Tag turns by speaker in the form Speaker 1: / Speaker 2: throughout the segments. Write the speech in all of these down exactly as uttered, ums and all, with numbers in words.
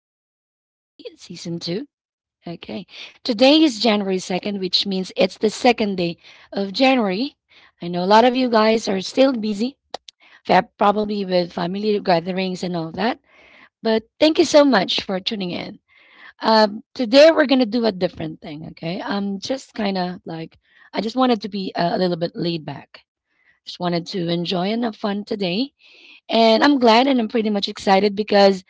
Speaker 1: Daily Talk with G, Season two. Okay, today is January second, which means it's the second day of January. I know a lot of you guys are still busy, fa- probably with family gatherings and all that, but thank you so much for tuning in. Um, today, we're going to do a different thing, okay? I'm just kind of like, I just wanted to be a, a little bit laid back. Just wanted to enjoy and have fun today. And I'm glad and I'm pretty much excited because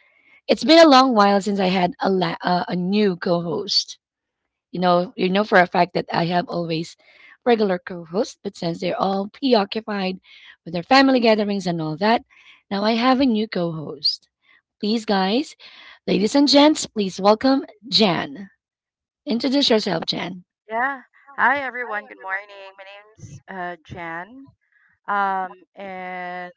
Speaker 1: it's been a long while since I had a la- uh, a new co-host. You know, you know for a fact that I have always regular co-hosts, but since they're all preoccupied with their family gatherings and all that, now I have a new co-host. Please, guys, ladies and gents, please welcome Jan. Introduce yourself, Jan.
Speaker 2: Yeah. Hi, everyone. Good morning. My name's uh, Jan. Um, and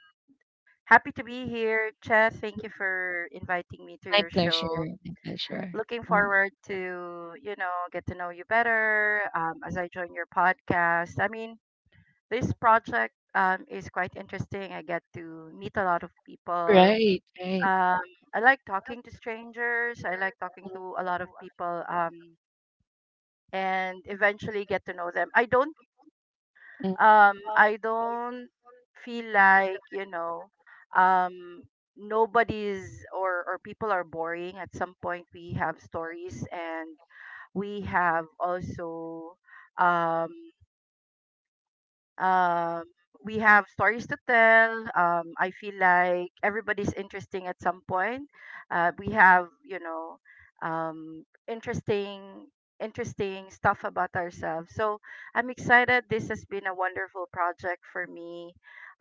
Speaker 2: happy to be here, Chef. Thank you for inviting me to
Speaker 1: My
Speaker 2: your show.
Speaker 1: pleasure. My pleasure.
Speaker 2: Looking forward to, you know, get to know you better um, as I join your podcast. I mean, this project um, is quite interesting. I get to meet a lot of people.
Speaker 1: Right. Right.
Speaker 2: Um, I like talking to strangers. I like talking
Speaker 1: Mm,
Speaker 2: to a lot of people. Um, and eventually get to know them. I don't
Speaker 1: mm,
Speaker 2: um I don't feel like, you know, um nobody's or or people are boring. At some point we have stories, and we have also um um, we have stories to tell. Um, I feel like everybody's interesting at some point. Uh, we have, you know, um, interesting interesting stuff about ourselves. So I'm excited. This has been a wonderful project for me.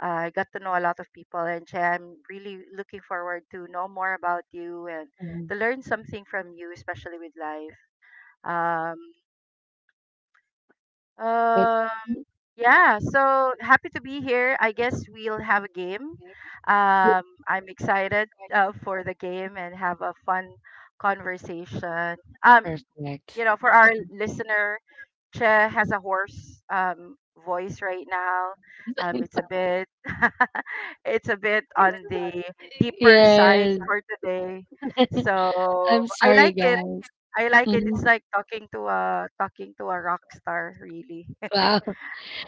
Speaker 2: Uh, I got to know a lot of people, and Che, I'm really looking forward to know more about you and to learn something from you, especially with life. Um, um, yeah, so happy to be here. I guess we'll have a game. Um, I'm excited uh, for the game and have a fun conversation. Um,
Speaker 1: perfect.
Speaker 2: you know, for our listener, Che has a hoarse um, voice right now. Um, it's a bit, it's a bit on the deeper side
Speaker 1: Yes.
Speaker 2: for today. So
Speaker 1: I'm
Speaker 2: I
Speaker 1: sorry,
Speaker 2: like it.
Speaker 1: guys.
Speaker 2: I like it.
Speaker 1: Mm-hmm.
Speaker 2: It's like talking to a talking to a rock star, really.
Speaker 1: Wow. Uh,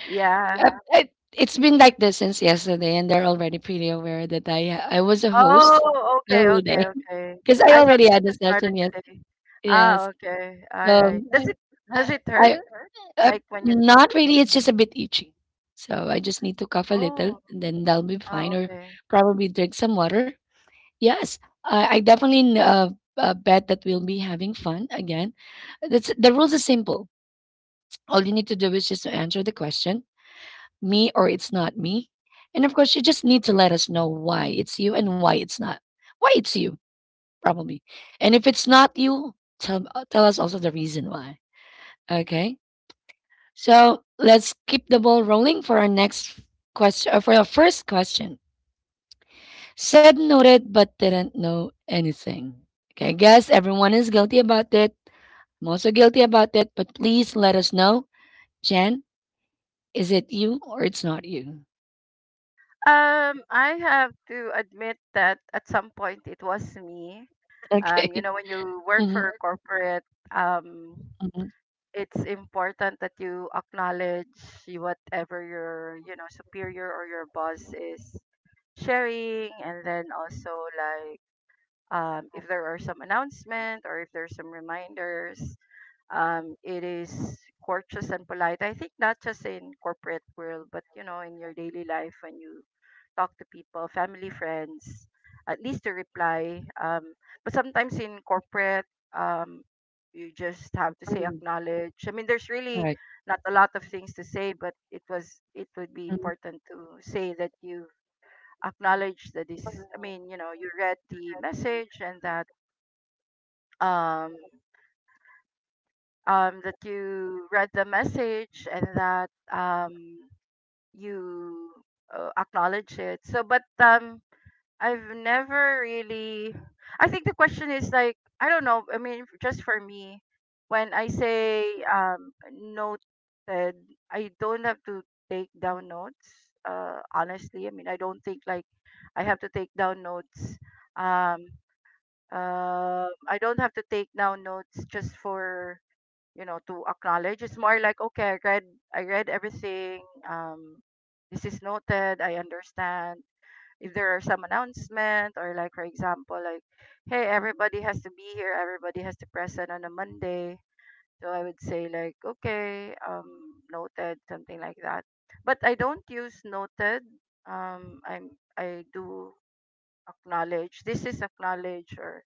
Speaker 2: Yeah.
Speaker 1: it, it's been like this since yesterday, and they're already pretty aware that I I was a host
Speaker 2: Oh,
Speaker 1: the
Speaker 2: okay,
Speaker 1: whole day
Speaker 2: okay, okay.
Speaker 1: because I
Speaker 2: I thought
Speaker 1: already
Speaker 2: it
Speaker 1: had a
Speaker 2: just started
Speaker 1: session. Yes,
Speaker 2: today. Ah,
Speaker 1: yes.
Speaker 2: okay. All
Speaker 1: So
Speaker 2: right.
Speaker 1: I,
Speaker 2: Does it does it
Speaker 1: I,
Speaker 2: hurt
Speaker 1: I, I
Speaker 2: like when you talk?
Speaker 1: not really. It's just a bit itchy, so I just need to cough a little,
Speaker 2: Oh,
Speaker 1: and then that'll be
Speaker 2: ah,
Speaker 1: fine. Or
Speaker 2: okay.
Speaker 1: probably drink some water. Yes, I, I definitely n- uh, uh, bet that we'll be having fun again. That's the rules are simple. All you need to do is just to answer the question me or it's not me. And of course, you just need to let us know why it's you and why it's not. Why it's you, probably. And if it's not you, tell, uh, tell us also the reason why. Okay. So let's keep the ball rolling for our next question, uh, for our first question. Said noted, but didn't know anything. Okay. I guess everyone is guilty about it. I'm also guilty about it, but please let us know. Jen, is it you or it's not you?
Speaker 2: Um, I have to admit that at some point it was me. Um, you
Speaker 1: Okay.
Speaker 2: know, when you work for
Speaker 1: Mhm.
Speaker 2: a corporate, um,
Speaker 1: Mhm.
Speaker 2: it's important that you acknowledge whatever your, you know, superior or your boss is sharing, and then also, like, um, if there are some announcement or if there's some reminders, um, it is courteous and polite. I think, not just in corporate world, but you know, in your daily life when you talk to people, family, friends, at least to reply. Um, but sometimes in corporate, um, you just have to say acknowledge. I mean, there's
Speaker 1: All
Speaker 2: really
Speaker 1: right.
Speaker 2: not a lot of things to say, but it was it would be important to say that you acknowledge that. This, I mean, you know, you read the message, and that um um that you read the message, and that um you uh, acknowledge it. So, but um I've never really. I think the question is, like, I don't know. I mean, just for me, when I say um noted, I don't have to take down notes. Uh honestly, I mean, I don't think like I have to take down notes. um um I don't have to take down notes just for, you know, to acknowledge. It's more like, okay, I read I read everything. Um, this is noted. I understand. If there are some announcement or, like, for example, like, hey, everybody has to be here. Everybody has to present on a Monday. So I would say like, okay, um, noted, something like that. But I don't use noted. Um, I'm I do acknowledge. This is acknowledge, or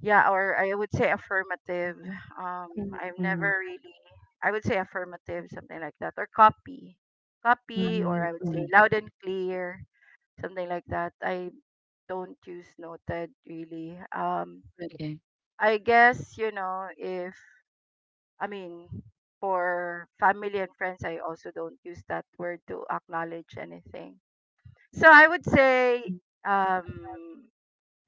Speaker 2: yeah, or I would say affirmative. Um,
Speaker 1: Mm,
Speaker 2: I've
Speaker 1: mm,
Speaker 2: never really, I would say affirmative, something like that, or copy, copy, or
Speaker 1: mhm,
Speaker 2: I would say
Speaker 1: mm.
Speaker 2: loud and clear, something like that. I don't use noted really. Um,
Speaker 1: Okay.
Speaker 2: I guess, you know, if, I mean, for family and friends, I also don't use that word to acknowledge anything. So I would say, um,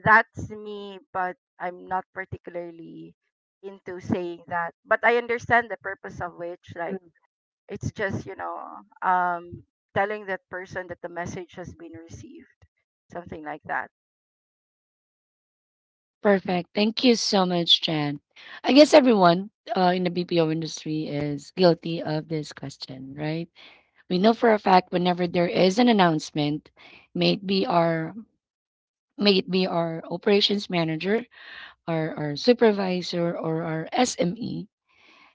Speaker 2: that's me, but I'm not particularly into saying that. But I understand the purpose of which, like, it's just, you know, um, telling that person that the message has been received, something like that.
Speaker 1: Perfect. Thank you so much, Jan. I guess everyone uh, in the B P O industry is guilty of this question, right? We know for a fact whenever there is an announcement, may it be our may it be our operations manager, our, our supervisor, or our S M E,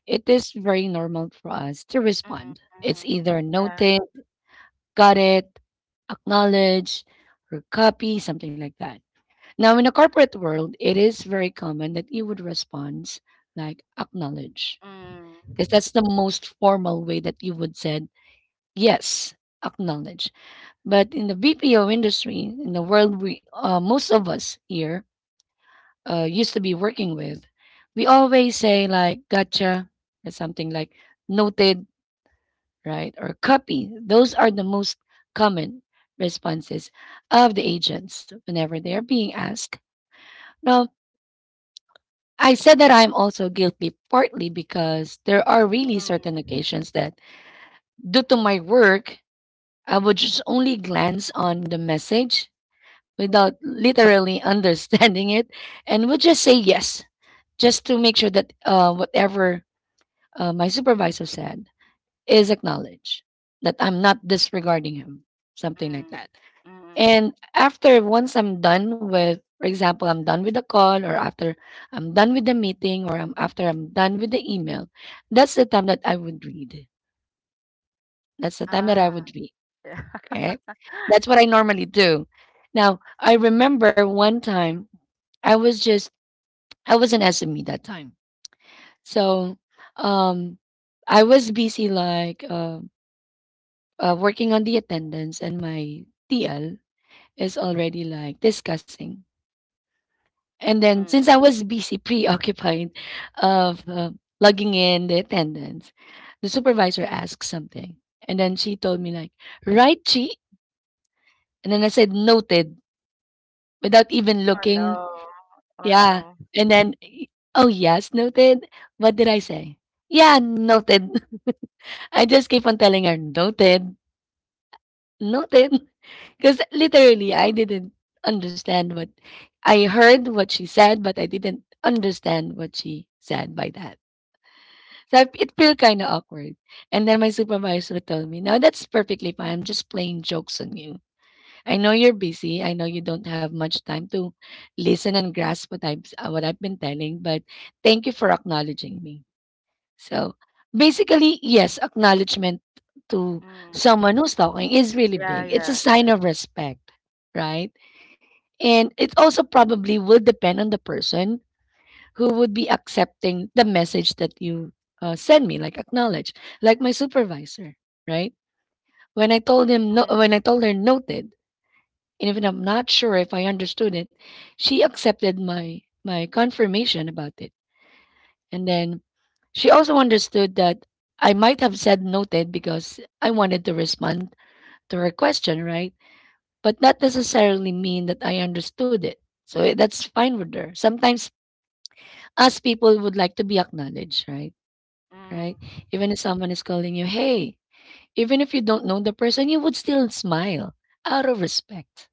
Speaker 1: it is very normal for us to
Speaker 2: Mm,
Speaker 1: respond. It's
Speaker 2: mm,
Speaker 1: either
Speaker 2: yeah.
Speaker 1: noted, got it, acknowledge, or copy, something like that. Now, in the corporate world, it is very common that you would respond like acknowledge, because
Speaker 2: Mm,
Speaker 1: that's the most formal way that you would said yes, acknowledge. But in the B P O industry, in the world we uh, most of us here uh, used to be working with, we always say like gotcha or something like noted, right, or copy. Those are the most common responses of the agents whenever they are being asked. Now, I said that I'm also guilty partly because there are really certain
Speaker 2: mm,
Speaker 1: occasions that, due to my work, I would just only glance on the message without literally understanding it and would just say yes, just to make sure that uh, whatever uh, my supervisor said is acknowledged, that I'm not disregarding him, something like
Speaker 2: mm,
Speaker 1: that.
Speaker 2: mm.
Speaker 1: And after once I'm done with, for example, I'm done with the call, or after I'm done with the meeting, or I'm, after I'm done with the email, that's the time that I would read. That's the time that I
Speaker 2: Ah,
Speaker 1: would read.
Speaker 2: yeah.
Speaker 1: Okay. That's what I normally do. Now, I remember one time I was just, I was in S M E that time. So um, I was busy like uh, uh, working on the attendance, and my T L is already like discussing. And then
Speaker 2: Mm.
Speaker 1: since I was busy preoccupied of uh, logging in the attendance, the supervisor asked something. And then she told me like, right, Chi? And then I said, noted, without even
Speaker 2: Oh no.
Speaker 1: looking.
Speaker 2: Oh
Speaker 1: Yeah.
Speaker 2: no.
Speaker 1: And then, oh, yes, noted. What did I say? Yeah, noted. I just keep on telling her, noted, noted. Because literally, I didn't understand what I heard what she said, but I didn't understand what she said by that. So I- it feel kind of awkward. And then my supervisor told me, "No, that's perfectly fine. I'm just playing jokes on you. I know you're busy. I know you don't have much time to listen and grasp what I've uh, what I've been telling, but thank you for acknowledging me." So basically, yes, acknowledgement to
Speaker 2: Mm.
Speaker 1: someone who's talking is really
Speaker 2: Yeah,
Speaker 1: big. It's a
Speaker 2: yeah.
Speaker 1: sign exactly of respect, right? And it also probably will depend on the person who would be accepting the message that you uh, send me, like acknowledge, like my supervisor, right? When I told him no, when
Speaker 2: Mm,
Speaker 1: I told her noted, and even I'm not sure if I understood it, she accepted my my confirmation about it, and then she also understood that I might have said noted because I wanted to respond to her question, right? But not necessarily mean that I understood it. So eh, that's fine with her. Sometimes us people would like to be acknowledged, right?
Speaker 2: mm.
Speaker 1: Right? Even if someone is calling you, hey, even if you don't know the person, you would still smile out of respect,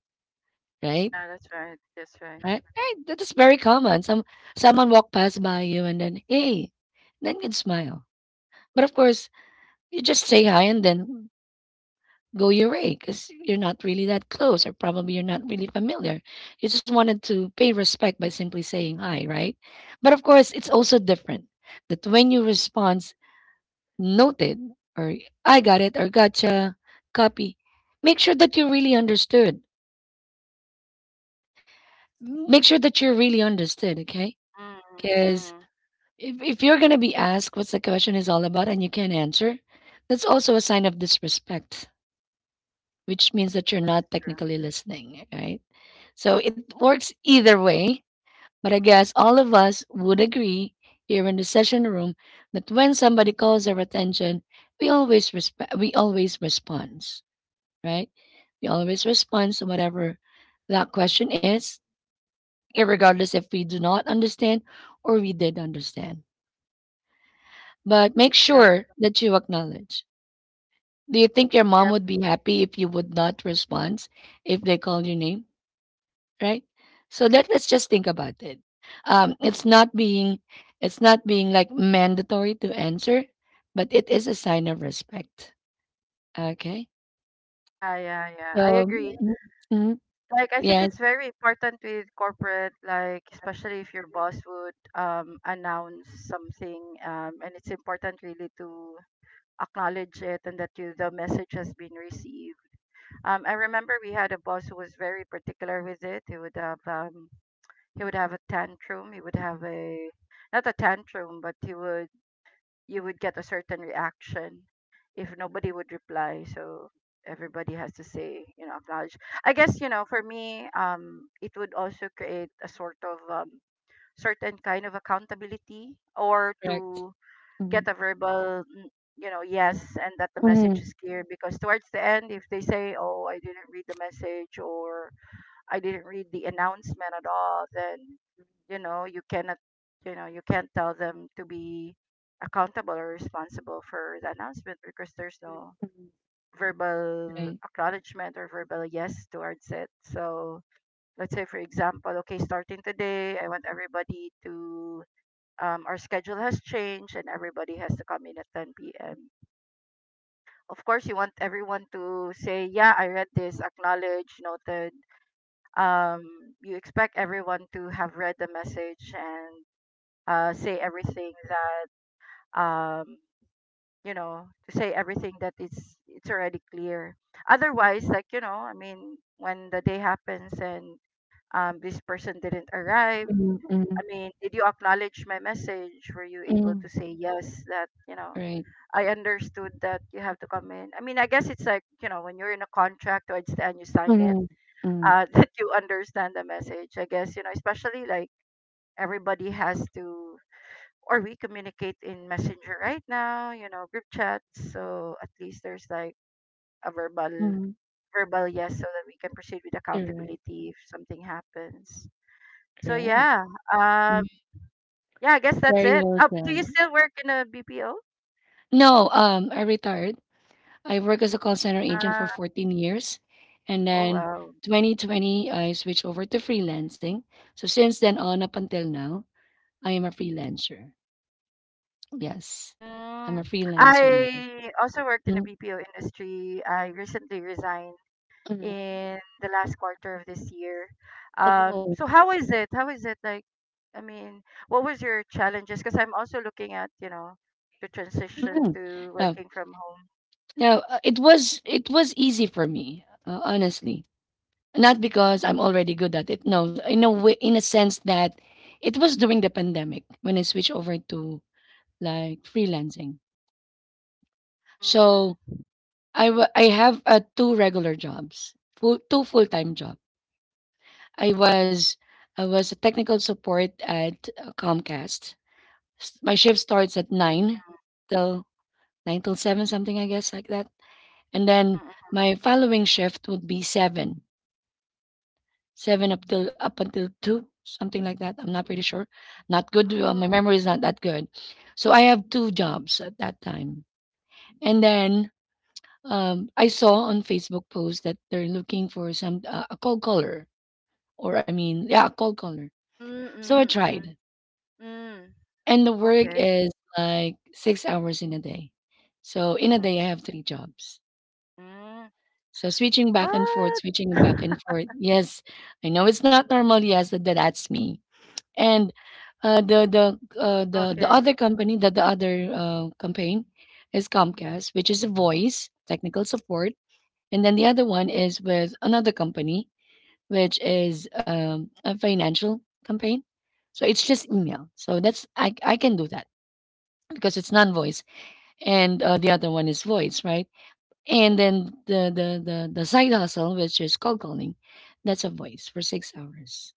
Speaker 1: right?
Speaker 2: Yeah, that's right. That's right.
Speaker 1: Right? Right. That is very common. Some someone walk past by you and then, hey, then you'd smile. But of course, you just say hi and then go your way because you're not really that close or probably you're not really familiar. You just wanted to pay respect by simply saying hi, right? But of course, it's also different that when you respond noted or I got it or gotcha, copy. Make sure that you really understood. Make sure that you really understood, okay?
Speaker 2: Mm,
Speaker 1: Because
Speaker 2: mm.
Speaker 1: if, if you're going to be asked what's the question is all about and you can't answer, that's also a sign of disrespect, which means that you're
Speaker 2: That's
Speaker 1: not
Speaker 2: true.
Speaker 1: technically listening, right? So it works either way. But I guess all of us would agree here in the session room that when somebody calls our attention, we always respe- we always respond, right? We always respond to whatever that question is, regardless if we do not understand or we did understand. But make
Speaker 2: Yep.
Speaker 1: sure that you acknowledge. Do you think your mom
Speaker 2: Yep.
Speaker 1: would be happy if you would not respond if they call your name, right? So let, let's just think about it. Um, it's not being it's not being like mandatory to answer, but it is a sign of respect. Okay.
Speaker 2: Yeah, yeah, yeah. I
Speaker 1: So
Speaker 2: agree.
Speaker 1: mhm, mhm,
Speaker 2: Like, I think
Speaker 1: yes,
Speaker 2: it's very important with corporate, like, especially if your boss would um announce something, um, and it's important really to acknowledge it and that you the message has been received. Um, I remember we had a boss who was very particular with it. He would have um he would have a tantrum. He would have a, not a tantrum, but he would you would get a certain reaction if nobody would reply. So everybody has to say, you know, acknowledge. I guess, you know, for me, um, it would also create a sort of um, certain kind of accountability, or
Speaker 1: correct.
Speaker 2: to get a verbal, mm, you know, yes, and that the message is clear. Because towards the end, if they say, oh, I didn't read the message, or I didn't read the announcement at all, then you know you cannot you know you can't tell them to be accountable or responsible for the announcement, because there's no verbal
Speaker 1: Right.
Speaker 2: acknowledgement or verbal yes towards it. So let's say, for example, okay, starting today, I want everybody to um, our schedule has changed and everybody has to come in at ten p m. Of course, you want everyone to say, yeah, I read this, acknowledge, noted, um, you expect everyone to have read the message, and uh, say everything that um, you know, to say everything that it's it's already clear. Otherwise, like, you know, I mean, when the day happens and, um, this person didn't arrive.
Speaker 1: Mhm,
Speaker 2: I
Speaker 1: mhm.
Speaker 2: mean, did you acknowledge my message? Were you able to
Speaker 1: Mm,
Speaker 2: say yes that, you know,
Speaker 1: right.
Speaker 2: I understood that you have to come in? I mean, I guess it's like, you know, when you're in a contract or it's and you sign it,
Speaker 1: Mhm, mm,
Speaker 2: uh, that you understand the message. I guess, you know, especially like, everybody has to, or we communicate in messenger right now, you know, group chats, so at least there's like a verbal
Speaker 1: mhm.
Speaker 2: verbal yes so that we can proceed with
Speaker 1: You're right,
Speaker 2: accountability if something happens. So,
Speaker 1: right.
Speaker 2: yeah, um
Speaker 1: Mm.
Speaker 2: yeah, I guess that's
Speaker 1: Very
Speaker 2: it.
Speaker 1: well
Speaker 2: Oh, do you
Speaker 1: said.
Speaker 2: still work in a B P O?
Speaker 1: No, um, I retired. I worked as a call center agent for
Speaker 2: uh
Speaker 1: fourteen years, and
Speaker 2: oh,
Speaker 1: then
Speaker 2: wow.
Speaker 1: two thousand twenty I switched over to freelancing. So since then on up until now, I am a freelancer. Yes, I'm
Speaker 2: Mm.
Speaker 1: a freelancer now.
Speaker 2: I also worked in the
Speaker 1: Mm,
Speaker 2: B P O industry. I recently resigned
Speaker 1: mhm.
Speaker 2: in the last quarter of this year. Um,
Speaker 1: Oh.
Speaker 2: so how is it? How is it like? I mean, what was your challenges? Because I'm also looking at, you know, to transition to
Speaker 1: Now,
Speaker 2: working from home.
Speaker 1: now uh, it was it was easy for me, uh, honestly. Not because I'm already good at it. No, in a way, in a sense that it was during the pandemic when I switched over to like freelancing. So
Speaker 2: Mm,
Speaker 1: I wa- I have uh, two regular jobs, full, two full time job. I was I was a technical support at uh, Comcast. S- My shift starts at
Speaker 2: mm,
Speaker 1: nine till nine till seven something I guess like that, and
Speaker 2: mm,
Speaker 1: then
Speaker 2: mm.
Speaker 1: my following shift would be seven 7 up till up until two, something like that. I'm not pretty sure. Not good. Uh, my
Speaker 2: Oh,
Speaker 1: memory is not that good. So I have two jobs at that time. And then um, I saw on Facebook post that they're looking for some uh, a cold caller, or I mean, yeah, a cold caller.
Speaker 2: mm,
Speaker 1: So I
Speaker 2: mm,
Speaker 1: tried,
Speaker 2: mm, mm.
Speaker 1: and the work
Speaker 2: Okay.
Speaker 1: is like six hours in a day. So in a
Speaker 2: Mm-hmm.
Speaker 1: day, I have three jobs.
Speaker 2: Mm.
Speaker 1: So switching back
Speaker 2: What?
Speaker 1: and forth, switching back and forth. Yes, I know it's not normal. Yes, that that's me. And uh, the the uh, the the
Speaker 2: Okay.
Speaker 1: other company that the other uh, campaign is Comcast, which is a voice technical support, and then the other one is with another company, which is um, a financial campaign. So it's just email. So that's I I can do that because it's non-voice, and uh, the other one is voice, right? And then the the the the side hustle, which is cold calling, that's a voice for six hours.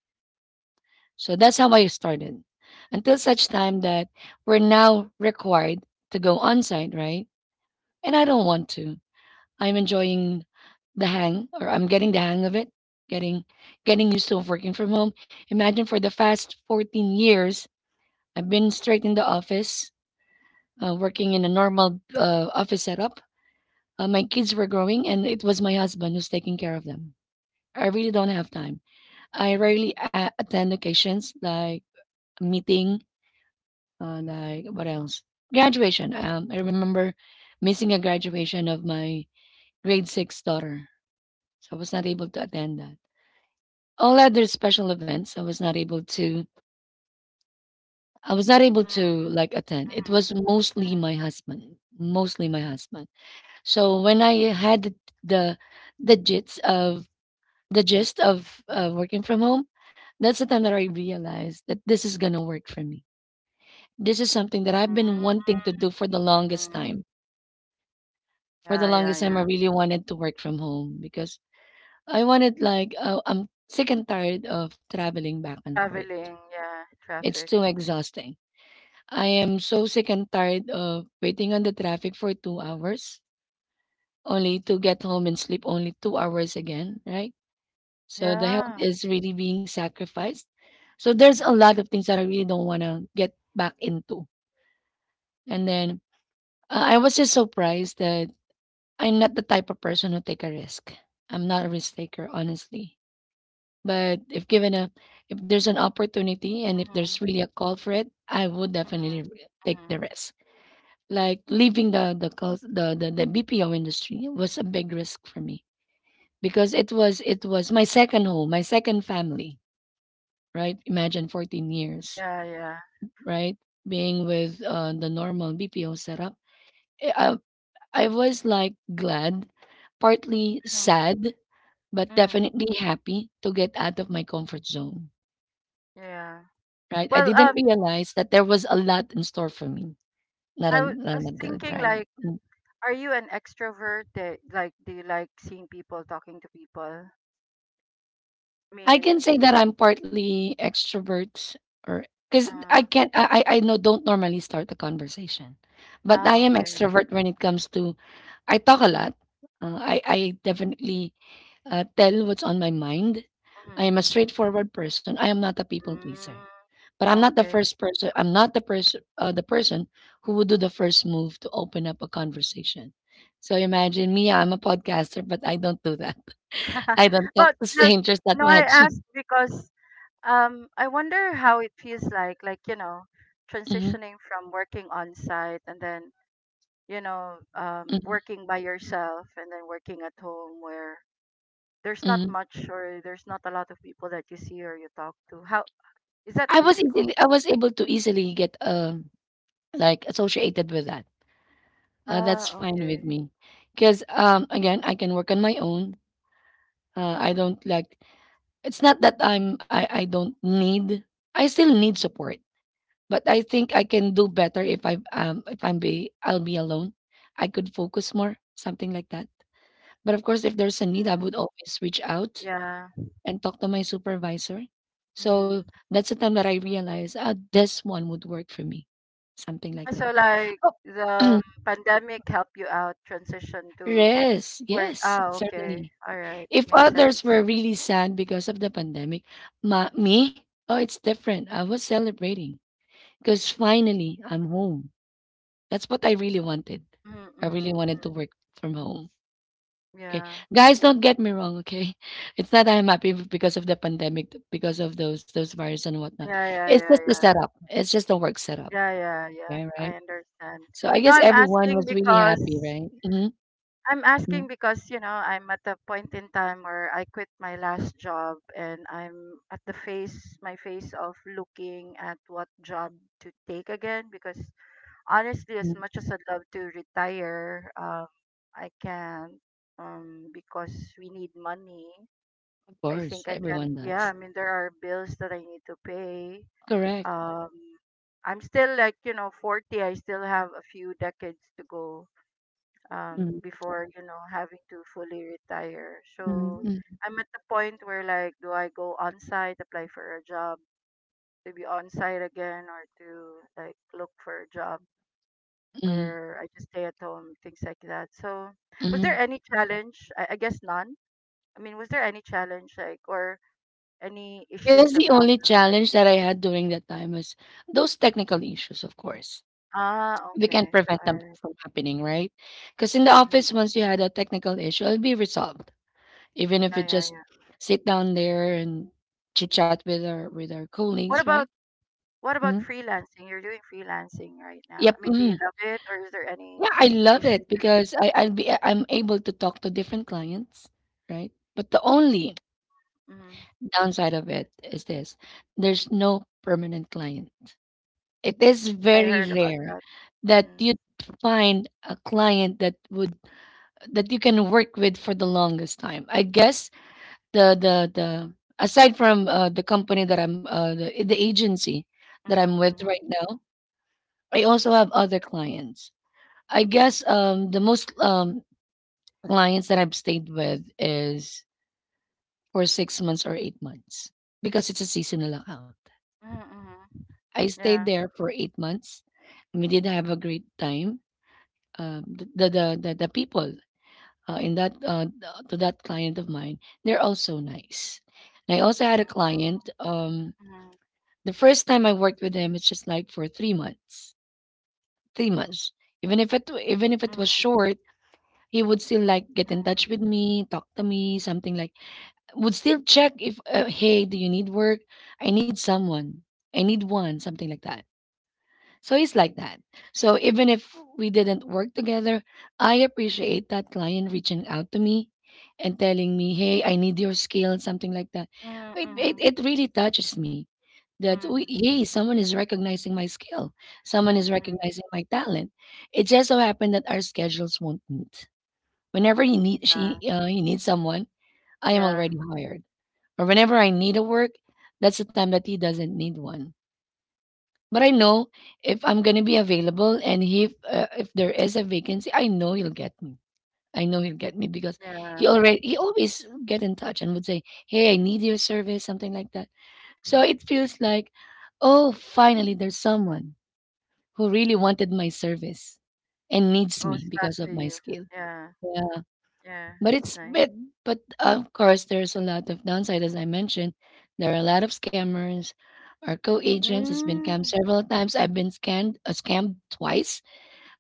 Speaker 1: So that's how I started. Until such time that we're now required to go on site, right? And I don't want to. I'm enjoying the hang or I'm getting the hang of it, getting getting used to working from home. Imagine for the past fourteen years, I've been straight in the office, uh, working in a normal uh, office setup. Uh, my kids were growing and it was my husband who's taking care of them. I really don't have time. I rarely a attend occasions like a meeting. Uh, like what else? Graduation. Um, I remember missing a graduation of my grade six daughter, so I was not able to attend that. All other special events, I was not able to. I was not able to
Speaker 2: Mm,
Speaker 1: like attend. It
Speaker 2: mm, mm,
Speaker 1: was mostly my husband, mostly my husband. So when I had the the, the gist of the gist of uh, working from home, that's the time that I realized that this is gonna work for me. This is something that I've been wanting to do for the longest
Speaker 2: mm.
Speaker 1: time. For the
Speaker 2: Yeah, yeah,
Speaker 1: longest time, I
Speaker 2: yeah.
Speaker 1: really wanted to work from home because I wanted like uh, I'm sick and tired of traveling back and forth.
Speaker 2: Traveling, yeah,
Speaker 1: It's
Speaker 2: traffic.
Speaker 1: too exhausting. I am so sick and tired of waiting on the traffic for two hours only to get home and sleep only two hours again, right? So the health
Speaker 2: Yeah.
Speaker 1: is really being sacrificed. So there's a lot of things that I really don't want to get back into. And then uh, I was just surprised that I'm not the type of person who take a risk. I'm not a risk taker, honestly. But if given a if there's an opportunity and if
Speaker 2: Mm-hmm.
Speaker 1: there's really a call for it, I would definitely re- take
Speaker 2: Mm-hmm.
Speaker 1: the risk. Like leaving the the calls the, the the B P O industry was a big risk for me because it was it was my second home, my second family, right? Imagine fourteen years,
Speaker 2: Yeah, yeah.
Speaker 1: right? Being with uh, the normal B P O setup. I, I I was like glad, partly
Speaker 2: Mm,
Speaker 1: sad, but
Speaker 2: mm.
Speaker 1: definitely happy to get out of my comfort zone.
Speaker 2: Yeah.
Speaker 1: Right? I
Speaker 2: Well,
Speaker 1: didn't
Speaker 2: um,
Speaker 1: realize that there was a lot in store for me. Not,
Speaker 2: I wa-
Speaker 1: un-
Speaker 2: I
Speaker 1: not
Speaker 2: was
Speaker 1: until I
Speaker 2: thinking
Speaker 1: tried.
Speaker 2: like,
Speaker 1: Mm.
Speaker 2: are you an extrovert? That, like, do you like seeing people, talking to people? I
Speaker 1: I
Speaker 2: mean,
Speaker 1: can say that I'm partly extrovert or because I
Speaker 2: uh,
Speaker 1: can't I I I no, don't normally start a conversation. But I
Speaker 2: ah,
Speaker 1: am
Speaker 2: okay.
Speaker 1: extrovert when it comes to I talk a lot. Uh, I I definitely uh, tell what's on my mind. I
Speaker 2: Mm-hmm,
Speaker 1: am a
Speaker 2: mm-hmm.
Speaker 1: straightforward person. I am not a people pleaser.
Speaker 2: Mm,
Speaker 1: But I'm
Speaker 2: ah,
Speaker 1: not the
Speaker 2: okay.
Speaker 1: first person. I'm not the person, uh, the person who would do the first move to open up a conversation. So imagine me. I'm a podcaster, but I don't do that. I don't talk
Speaker 2: But
Speaker 1: to
Speaker 2: look,
Speaker 1: strangers that
Speaker 2: no, I
Speaker 1: much.
Speaker 2: ask because um, I wonder how it feels like, like you know,
Speaker 1: hmm
Speaker 2: transitioning from working on site, and then, you know, um,
Speaker 1: hmm
Speaker 2: working by yourself, and then working at home where there's not
Speaker 1: hmm
Speaker 2: much or there's not a lot of people that you see or you talk to. How is that
Speaker 1: I was easily,
Speaker 2: difficult?
Speaker 1: I was able to easily get um like associated with that. Uh, that's
Speaker 2: Ah,
Speaker 1: fine with
Speaker 2: okay.
Speaker 1: me, because um again I can work on my own. Uh, I don't like. It's not that I'm I I don't need. I still need support. But I think I can do better if I um if I'm be I'll be alone. I could focus more, something like that. But of course, if there's a need, I
Speaker 2: Mm,
Speaker 1: would always reach out
Speaker 2: yeah.
Speaker 1: and talk to my supervisor.
Speaker 2: Mm.
Speaker 1: So that's the time that I realized, ah, this one would work for me, something
Speaker 2: Ah,
Speaker 1: like
Speaker 2: so
Speaker 1: that.
Speaker 2: like, the
Speaker 1: Oh,
Speaker 2: pandemic helped you out transition to
Speaker 1: rest
Speaker 2: work.
Speaker 1: yes,
Speaker 2: Ah, okay.
Speaker 1: certainly.
Speaker 2: All right.
Speaker 1: If
Speaker 2: Makes
Speaker 1: others
Speaker 2: sense.
Speaker 1: were really sad because of the pandemic, ma me, oh, it's different. I was celebrating because finally I'm home. That's what I really wanted.
Speaker 2: Mm,
Speaker 1: I really
Speaker 2: mm, mm.
Speaker 1: wanted to work from home. Okay.
Speaker 2: Yeah.
Speaker 1: Guys, don't get me wrong, okay? It's not that I'm happy because of the pandemic, because of those those virus and whatnot.
Speaker 2: Yeah, yeah,
Speaker 1: It's
Speaker 2: yeah,
Speaker 1: just the
Speaker 2: yeah.
Speaker 1: setup. It's just the work setup.
Speaker 2: Yeah, yeah, yeah.
Speaker 1: Okay,
Speaker 2: I
Speaker 1: right?
Speaker 2: understand.
Speaker 1: So I
Speaker 2: Now
Speaker 1: guess
Speaker 2: I'm
Speaker 1: everyone
Speaker 2: asking
Speaker 1: was really happy,
Speaker 2: because
Speaker 1: right? Hmm.
Speaker 2: I'm asking because, you know, I'm at a point in time where I quit my last job, and I'm at the phase, my phase of looking at what job to take again. Because honestly,
Speaker 1: Hmm.
Speaker 2: as much as I'd love to retire, um, I can't, um, because we need money.
Speaker 1: Of
Speaker 2: I
Speaker 1: course,
Speaker 2: think I can't,
Speaker 1: everyone
Speaker 2: yeah,
Speaker 1: does.
Speaker 2: I mean, there are bills that I need to pay.
Speaker 1: Correct.
Speaker 2: Um, I'm still, like, you know, forty. I still have a few decades to go um
Speaker 1: Mm.
Speaker 2: before, you know, having to fully retire.
Speaker 1: Mm.
Speaker 2: So
Speaker 1: Mm.
Speaker 2: I'm at the point where, like, do I go on site, apply for a job to be on site again, or to, like, look for a job
Speaker 1: Mm.
Speaker 2: where I just stay at home, things like that. So, was there
Speaker 1: Mm.
Speaker 2: any challenge? I, I guess none. I mean, was there any challenge, like, or any
Speaker 1: I
Speaker 2: issues
Speaker 1: guess
Speaker 2: or
Speaker 1: the
Speaker 2: problems?
Speaker 1: only challenge that I had during that time was those technical issues, of course.
Speaker 2: Ah,
Speaker 1: We can
Speaker 2: okay.
Speaker 1: prevent
Speaker 2: All
Speaker 1: them
Speaker 2: right.
Speaker 1: from happening, right? Because in the
Speaker 2: Mm-hmm.
Speaker 1: office, once you had a technical issue, it'll be resolved. Even if
Speaker 2: Yeah,
Speaker 1: you
Speaker 2: yeah,
Speaker 1: just
Speaker 2: yeah.
Speaker 1: sit down there and chit chat with our with our colleagues,
Speaker 2: what
Speaker 1: right?
Speaker 2: about What about
Speaker 1: Hmm.
Speaker 2: freelancing? You're doing freelancing right now. I
Speaker 1: Yep.
Speaker 2: mean, do you
Speaker 1: Mhm.
Speaker 2: love it or is there any
Speaker 1: Yeah, I love
Speaker 2: issues
Speaker 1: it
Speaker 2: with it?
Speaker 1: because I, I'll be I'm able to talk to different clients, right? But the only
Speaker 2: Mm-hmm.
Speaker 1: downside of it is this: there's no permanent client. It is
Speaker 2: Yeah, I heard
Speaker 1: very
Speaker 2: about
Speaker 1: rare
Speaker 2: that.
Speaker 1: that
Speaker 2: Mm-hmm.
Speaker 1: you find a client that would that you can work with for the longest time. I guess the the the aside from uh, the company that I'm uh, the, the agency that I'm with
Speaker 2: Mm-hmm.
Speaker 1: right now, I also have other clients. I guess um, the most um, clients that I've stayed with is for six months or eight months because it's a seasonal account.
Speaker 2: Mm-hmm.
Speaker 1: I stayed
Speaker 2: Yeah.
Speaker 1: there for eight months. We did have a great time. Um, the, the the the the people uh, in that uh, th- to that client of mine, they're also nice. And I also had
Speaker 2: Mm-hmm.
Speaker 1: a
Speaker 2: Yeah.
Speaker 1: client. Um, the first time I worked with him, it's just like for three months. Three months. Even if it even if it was
Speaker 2: Mm-hmm.
Speaker 1: short, he would still like get in touch with me, talk to me, something like. Would still check if uh, hey, do you need work? I need someone. I need one, something like that. So it's like that. So even if we didn't work together, I appreciate that client reaching out to me and telling me, "Hey, I need your skill," something like that.
Speaker 2: Mm-hmm.
Speaker 1: It it,
Speaker 2: Mm-hmm.
Speaker 1: it really touches me that we, hey, someone is recognizing my skill,
Speaker 2: Mm-hmm,
Speaker 1: someone is
Speaker 2: mm-hmm.
Speaker 1: recognizing my talent. It just so happened that our schedules won't meet. Whenever he need she
Speaker 2: Yeah.
Speaker 1: uh, he needs someone, I am
Speaker 2: Yeah.
Speaker 1: already hired, or whenever I need a work, that's the time that he doesn't need one. But I know if I'm gonna be available and if uh, if there is a vacancy, I know he'll get me. I know he'll get me because
Speaker 2: Yeah.
Speaker 1: he already he always get in touch and would say, "Hey, I need your service," something like that. So
Speaker 2: Mm-hmm.
Speaker 1: it feels like, oh, finally there's someone who really wanted my service and needs me
Speaker 2: Goes back
Speaker 1: because of
Speaker 2: to
Speaker 1: my
Speaker 2: you.
Speaker 1: skill.
Speaker 2: Yeah. Yeah.
Speaker 1: But
Speaker 2: That's
Speaker 1: it's
Speaker 2: nice.
Speaker 1: but but of course there's a lot of downside as I mentioned. There are a lot of scammers. Our co-agents has been scammed
Speaker 2: Mm.
Speaker 1: several times. I've been scanned uh, scammed twice.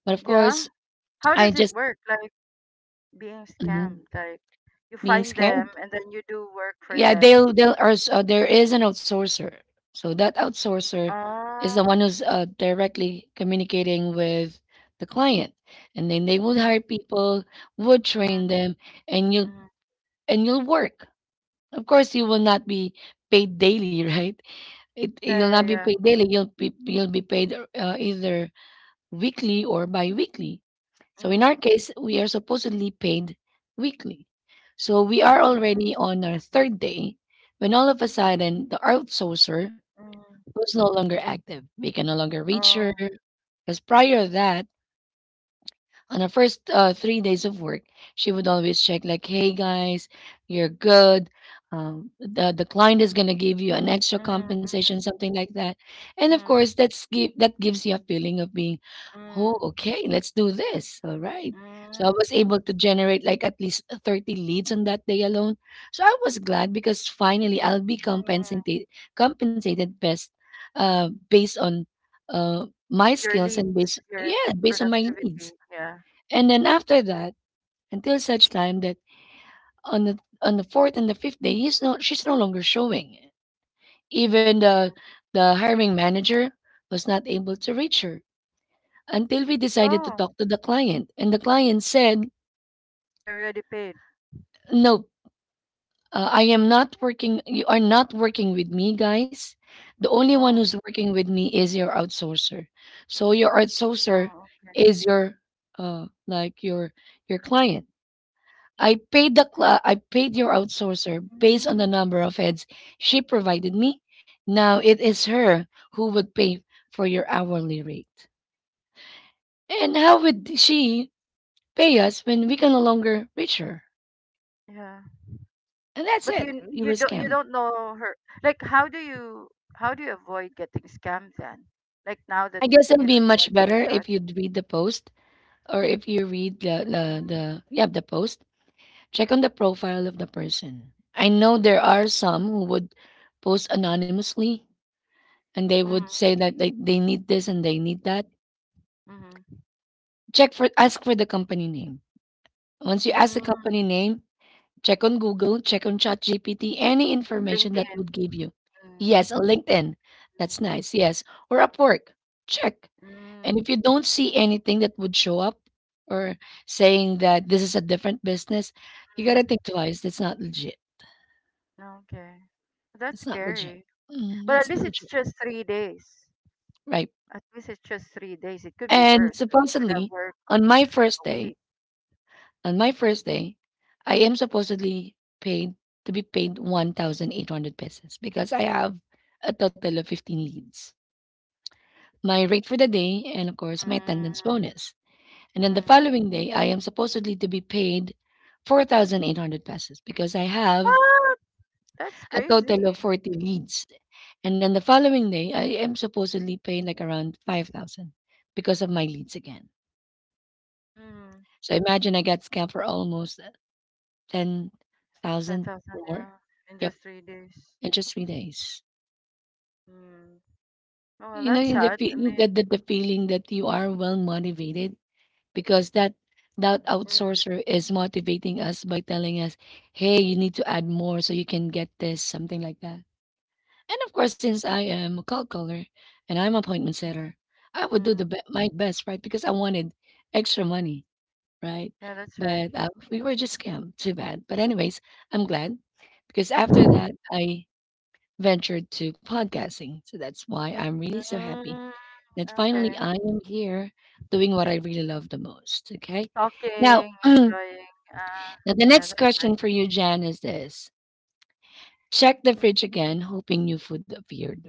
Speaker 1: But of
Speaker 2: Yeah.
Speaker 1: course,
Speaker 2: How
Speaker 1: I
Speaker 2: does it
Speaker 1: just
Speaker 2: work? Like, being
Speaker 1: Mhm.
Speaker 2: scammed. Like, you
Speaker 1: being
Speaker 2: find them
Speaker 1: scammed.
Speaker 2: and then you do work for
Speaker 1: Yeah,
Speaker 2: them.
Speaker 1: they'll they'll or s- uh, there is an outsourcer. So that outsourcer is
Speaker 2: Ah,
Speaker 1: the one who's uh, directly communicating with the client, and then they would
Speaker 2: mm-hmm,
Speaker 1: hire people, would train
Speaker 2: mm-hmm,
Speaker 1: them, and you'll
Speaker 2: mm-hmm.
Speaker 1: and you'll work. Of course, you will not be paid daily, right? It
Speaker 2: Yeah,
Speaker 1: You'll not
Speaker 2: yeah,
Speaker 1: be
Speaker 2: yeah.
Speaker 1: paid daily. You'll be you'll be paid uh, either weekly or bi-weekly. So in
Speaker 2: Mm,
Speaker 1: our case, we are supposedly paid weekly. So we are
Speaker 2: mm,
Speaker 1: already on our third day when all of a sudden the outsourcer
Speaker 2: mm,
Speaker 1: was no longer active. We can no longer reach her
Speaker 2: oh,
Speaker 1: because prior to that on the first uh, three days of work, she would always check like, "Hey guys, you're good. Um, the the client is gonna give you an extra
Speaker 2: mm,
Speaker 1: compensation,
Speaker 2: mm,
Speaker 1: something like that." And of course, that's give that gives you a feeling of being, "Oh,
Speaker 2: mm,
Speaker 1: okay, let's do this." All right.
Speaker 2: mm,
Speaker 1: So I
Speaker 2: mm.
Speaker 1: was able to generate like at least thirty leads on that day alone. So I was glad because finally I'll be compensated compensated best uh, based on uh, my
Speaker 2: Your
Speaker 1: skills and based
Speaker 2: leads, your
Speaker 1: yeah based on my
Speaker 2: productivity.
Speaker 1: needs
Speaker 2: Yeah.
Speaker 1: and then after that, until such time that on the on the fourth and the fifth day, he's no she's no longer showing. Even
Speaker 2: Mm.
Speaker 1: the the hiring manager was not able to reach her until we decided to
Speaker 2: Oh,
Speaker 1: talk to the client, and the client said,
Speaker 2: I already paid.
Speaker 1: "No, uh, I am not working. You are not working with me, guys. The only one who's
Speaker 2: Oh,
Speaker 1: working with me is your outsourcer. So your outsourcer
Speaker 2: oh, okay.
Speaker 1: is your uh like your your client." I paid the cl- uh, I paid your outsourcer based on the
Speaker 2: Mm,
Speaker 1: number of heads she provided me. Now it is her who would pay for your hourly rate. And how would she pay us when we can no longer reach her?
Speaker 2: yeah.
Speaker 1: And that's
Speaker 2: But
Speaker 1: it.
Speaker 2: you
Speaker 1: You were
Speaker 2: you don't you
Speaker 1: scammed.
Speaker 2: don't know her. Like how do you how do you avoid getting scammed then? Like now that
Speaker 1: I guess
Speaker 2: you
Speaker 1: it'll
Speaker 2: know
Speaker 1: be
Speaker 2: you went
Speaker 1: much
Speaker 2: through
Speaker 1: better
Speaker 2: that.
Speaker 1: if you'd read the post or if you read the, the,
Speaker 2: Mm,
Speaker 1: the yeah the post. Check on the profile of the person. I know there are some who would post anonymously and they would
Speaker 2: mm,
Speaker 1: say that they, they need this and they need that.
Speaker 2: mm,
Speaker 1: Check for Ask for the company name. Once you ask the company
Speaker 2: mm,
Speaker 1: name, check on Google, check on ChatGPT, any information that
Speaker 2: LinkedIn.
Speaker 1: would give you.
Speaker 2: Mm,
Speaker 1: Yes, on LinkedIn. That's
Speaker 2: mm,
Speaker 1: nice. Yes. Or Upwork. Check.
Speaker 2: mm,
Speaker 1: And if you don't see anything that would show up or saying that this is a different business,
Speaker 2: mm.
Speaker 1: you
Speaker 2: Mm,
Speaker 1: gotta think twice. That's not legit.
Speaker 2: okay. That's
Speaker 1: It's not legit.
Speaker 2: scary.
Speaker 1: Mm,
Speaker 2: But at
Speaker 1: that's
Speaker 2: least it's
Speaker 1: legit.
Speaker 2: just three days.
Speaker 1: Right.
Speaker 2: At least it's just three days. It could be
Speaker 1: And
Speaker 2: worse. Like you could have
Speaker 1: supposedly,
Speaker 2: worked
Speaker 1: on my first
Speaker 2: a
Speaker 1: day,
Speaker 2: week.
Speaker 1: On my first day, I am supposedly paid to be paid one thousand eight hundred pesos because I have a total of fifteen leads, my rate for the day, and of course, my attendance
Speaker 2: Mm,
Speaker 1: bonus. And then the
Speaker 2: mm.
Speaker 1: following day, I am supposedly to be paid four thousand eight hundred pesos because I have
Speaker 2: What? That's
Speaker 1: a total
Speaker 2: crazy.
Speaker 1: of forty leads. And then the following day, I am supposedly paid like around five thousand because of my leads again.
Speaker 2: Mm,
Speaker 1: So imagine I got scammed for almost ten thousand
Speaker 2: ten thousand,
Speaker 1: or more.
Speaker 2: yeah. In
Speaker 1: Yep.
Speaker 2: just three days.
Speaker 1: And just relax.
Speaker 2: Mm. Oh, well,
Speaker 1: You know,
Speaker 2: that's
Speaker 1: in the
Speaker 2: sad. I
Speaker 1: fe-
Speaker 2: mean,
Speaker 1: that the, the feeling that you are well motivated because that that outsourcer is motivating us by telling us, "Hey, you need to add more so you can get this," something like that. And of course, since I am a call caller and I'm appointment setter, I
Speaker 2: mm,
Speaker 1: would do
Speaker 2: mm.
Speaker 1: the be- my best, right? Because I wanted extra money, right?
Speaker 2: Yeah, that's right.
Speaker 1: But uh, we were just scammed. Too bad. But anyways, I'm glad because after that, I ventured to podcasting. So that's why I'm really so happy
Speaker 2: Mm,
Speaker 1: that finally
Speaker 2: okay.
Speaker 1: I am here doing what I really love the most. Okay.
Speaker 2: Talking,
Speaker 1: Now, now
Speaker 2: enjoying. Uh,
Speaker 1: the
Speaker 2: yeah,
Speaker 1: next
Speaker 2: that's right.
Speaker 1: question for you, Jan, is this. Check the fridge again, hoping new food appeared.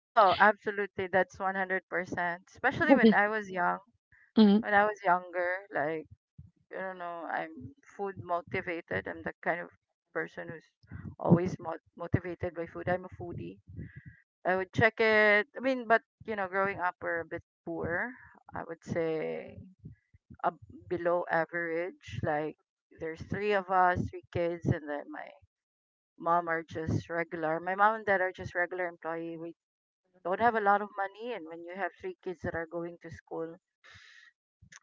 Speaker 2: Oh, absolutely. That's one hundred percent. Especially when I was young.
Speaker 1: Mhm.
Speaker 2: When I was younger, like, I don't know, I'm food motivated. I'm the kind of person who's always mo motivated by food. I'm a foodie. I would check it. I mean, but, you know, growing up, we're a bit poor. I would say. Ab Below average. Like there's three of us, three kids, and then my mom are just regular. My mom and dad are just regular employee. We don't have a lot of money, and when you have three kids that are going to school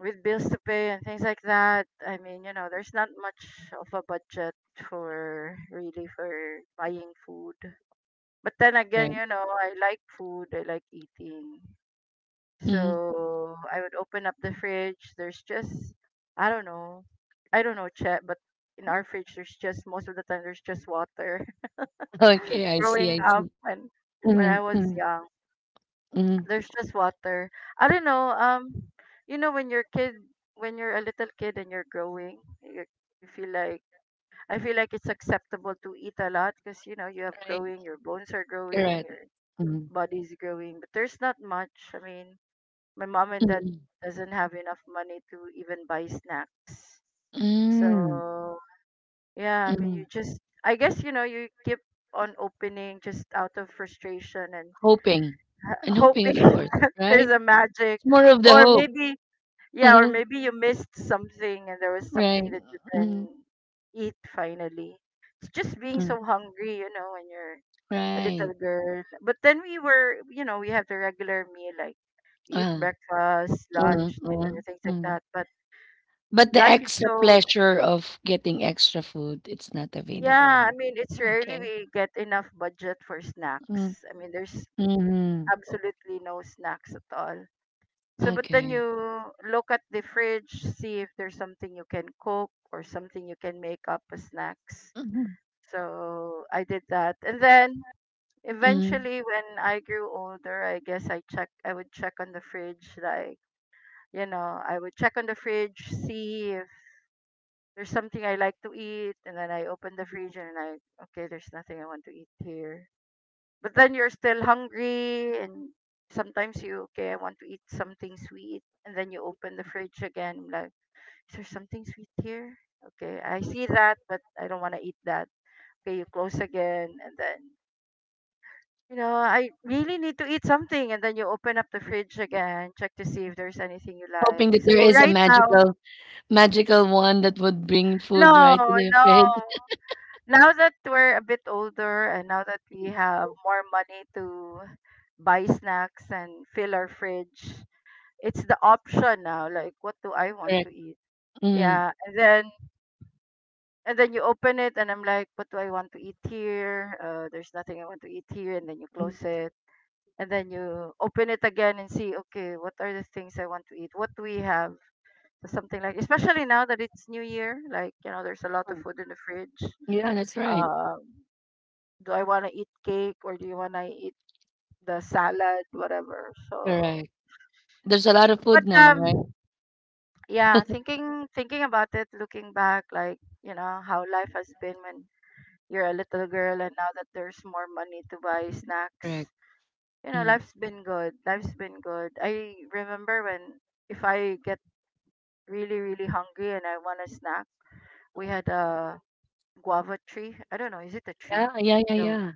Speaker 2: with bills to pay and things like that, I mean, you know, there's not much of a budget for really for buying food. But then again,
Speaker 1: Right.
Speaker 2: you know, I like food. I like eating.
Speaker 1: Mhm.
Speaker 2: So I would open up the fridge. There's just, I don't know. I don't know, Chet, but in our fridge, there's just, most of the time, there's just water.
Speaker 1: Okay, I see,
Speaker 2: Growing
Speaker 1: I
Speaker 2: up
Speaker 1: see.
Speaker 2: when when
Speaker 1: Mhm,
Speaker 2: I was
Speaker 1: mhm,
Speaker 2: young,
Speaker 1: mhm.
Speaker 2: there's just water. I don't know, um you know when you're kid when you're a little kid and you're growing, you you feel like I feel like it's acceptable to eat a lot because you know you have
Speaker 1: Right,
Speaker 2: growing, your bones are
Speaker 1: correct.
Speaker 2: growing, your
Speaker 1: Mhm,
Speaker 2: body's growing, but there's not much. I mean, my mom and dad
Speaker 1: mhm.
Speaker 2: doesn't have enough money to even buy snacks.
Speaker 1: Hmm.
Speaker 2: So yeah, I mean
Speaker 1: Mhm.
Speaker 2: you just, I guess, you know, you keep on opening just out of frustration and
Speaker 1: Hoping. And hoping,
Speaker 2: hoping
Speaker 1: of course,
Speaker 2: that there's
Speaker 1: right?
Speaker 2: a magic,
Speaker 1: It's more of the
Speaker 2: or
Speaker 1: hope.
Speaker 2: maybe, yeah, or maybe you missed something and there was something
Speaker 1: Right.
Speaker 2: that you can
Speaker 1: Mhm.
Speaker 2: eat finally. It's just being so hungry, you know, when you're a
Speaker 1: Right.
Speaker 2: little girl. But then we were, you know, we have the regular meal like we eat
Speaker 1: Uh,
Speaker 2: breakfast,
Speaker 1: mm,
Speaker 2: lunch, dinner,
Speaker 1: mm,
Speaker 2: things like
Speaker 1: mm.
Speaker 2: that. But
Speaker 1: But the
Speaker 2: life is
Speaker 1: extra
Speaker 2: so,
Speaker 1: pleasure of getting extra food, it's not available.
Speaker 2: yeah, I mean, it's rarely
Speaker 1: Okay.
Speaker 2: we get enough budget for
Speaker 1: Mm,
Speaker 2: snacks. I mean, there's
Speaker 1: mhm.
Speaker 2: absolutely no snacks at all. So but then
Speaker 1: Okay.
Speaker 2: you look at the fridge, see if there's something you can cook or something you can make up as snacks.
Speaker 1: Mhm,
Speaker 2: So I did that, and then
Speaker 1: mhm.
Speaker 2: eventually when I grew older, I guess, i check i would check on the fridge. Like, you know, I would check on the fridge, see there's something I like to eat, and then I open the fridge and I, okay, there's nothing I want to eat here. But then you're still hungry, and sometimes you, okay, I want to eat something sweet, and then you open the fridge again, like, is there something sweet here? Okay, I see that, but I don't want to eat that. Okay, you close again, and then, you know, I really need to eat something, and then you open up the fridge again, check to see if there's anything you
Speaker 1: Hoping
Speaker 2: like.
Speaker 1: that
Speaker 2: So
Speaker 1: there is a
Speaker 2: right now,
Speaker 1: magical, magical one that would bring food right to
Speaker 2: no,
Speaker 1: their
Speaker 2: no.
Speaker 1: fridge.
Speaker 2: Now that we're a bit older and now that we
Speaker 1: Mm.
Speaker 2: have more money to buy snacks and fill our fridge, it's the option now. Like, what do I want to
Speaker 1: Correct.
Speaker 2: eat?
Speaker 1: Mm.
Speaker 2: Yeah, and then and then you open it, and I'm like, what do I want to eat here? Uh, there's nothing I want to eat here, and then you close it, and then you open it again and see, okay, what are the things I want to eat? What do we have? Something like, especially now that it's New Year, like, you know, there's a lot of food in the fridge.
Speaker 1: Yeah, that's right.
Speaker 2: Um, do I want to eat cake or do you want to eat the salad, whatever. So,
Speaker 1: Correct. There's a lot of
Speaker 2: but
Speaker 1: food now, right?
Speaker 2: um, yeah, thinking thinking about it, looking back, like, you know, how life has been when you're a little girl, and now that there's more money to buy snacks,
Speaker 1: Correct.
Speaker 2: you know,
Speaker 1: Mm.
Speaker 2: life's been good. Life's been good. I remember when, if I get really really hungry and I want a snack, we had a guava tree. I don't know, is it a
Speaker 1: Yeah,
Speaker 2: tree?
Speaker 1: yeah, yeah,
Speaker 2: Yeah,
Speaker 1: yeah.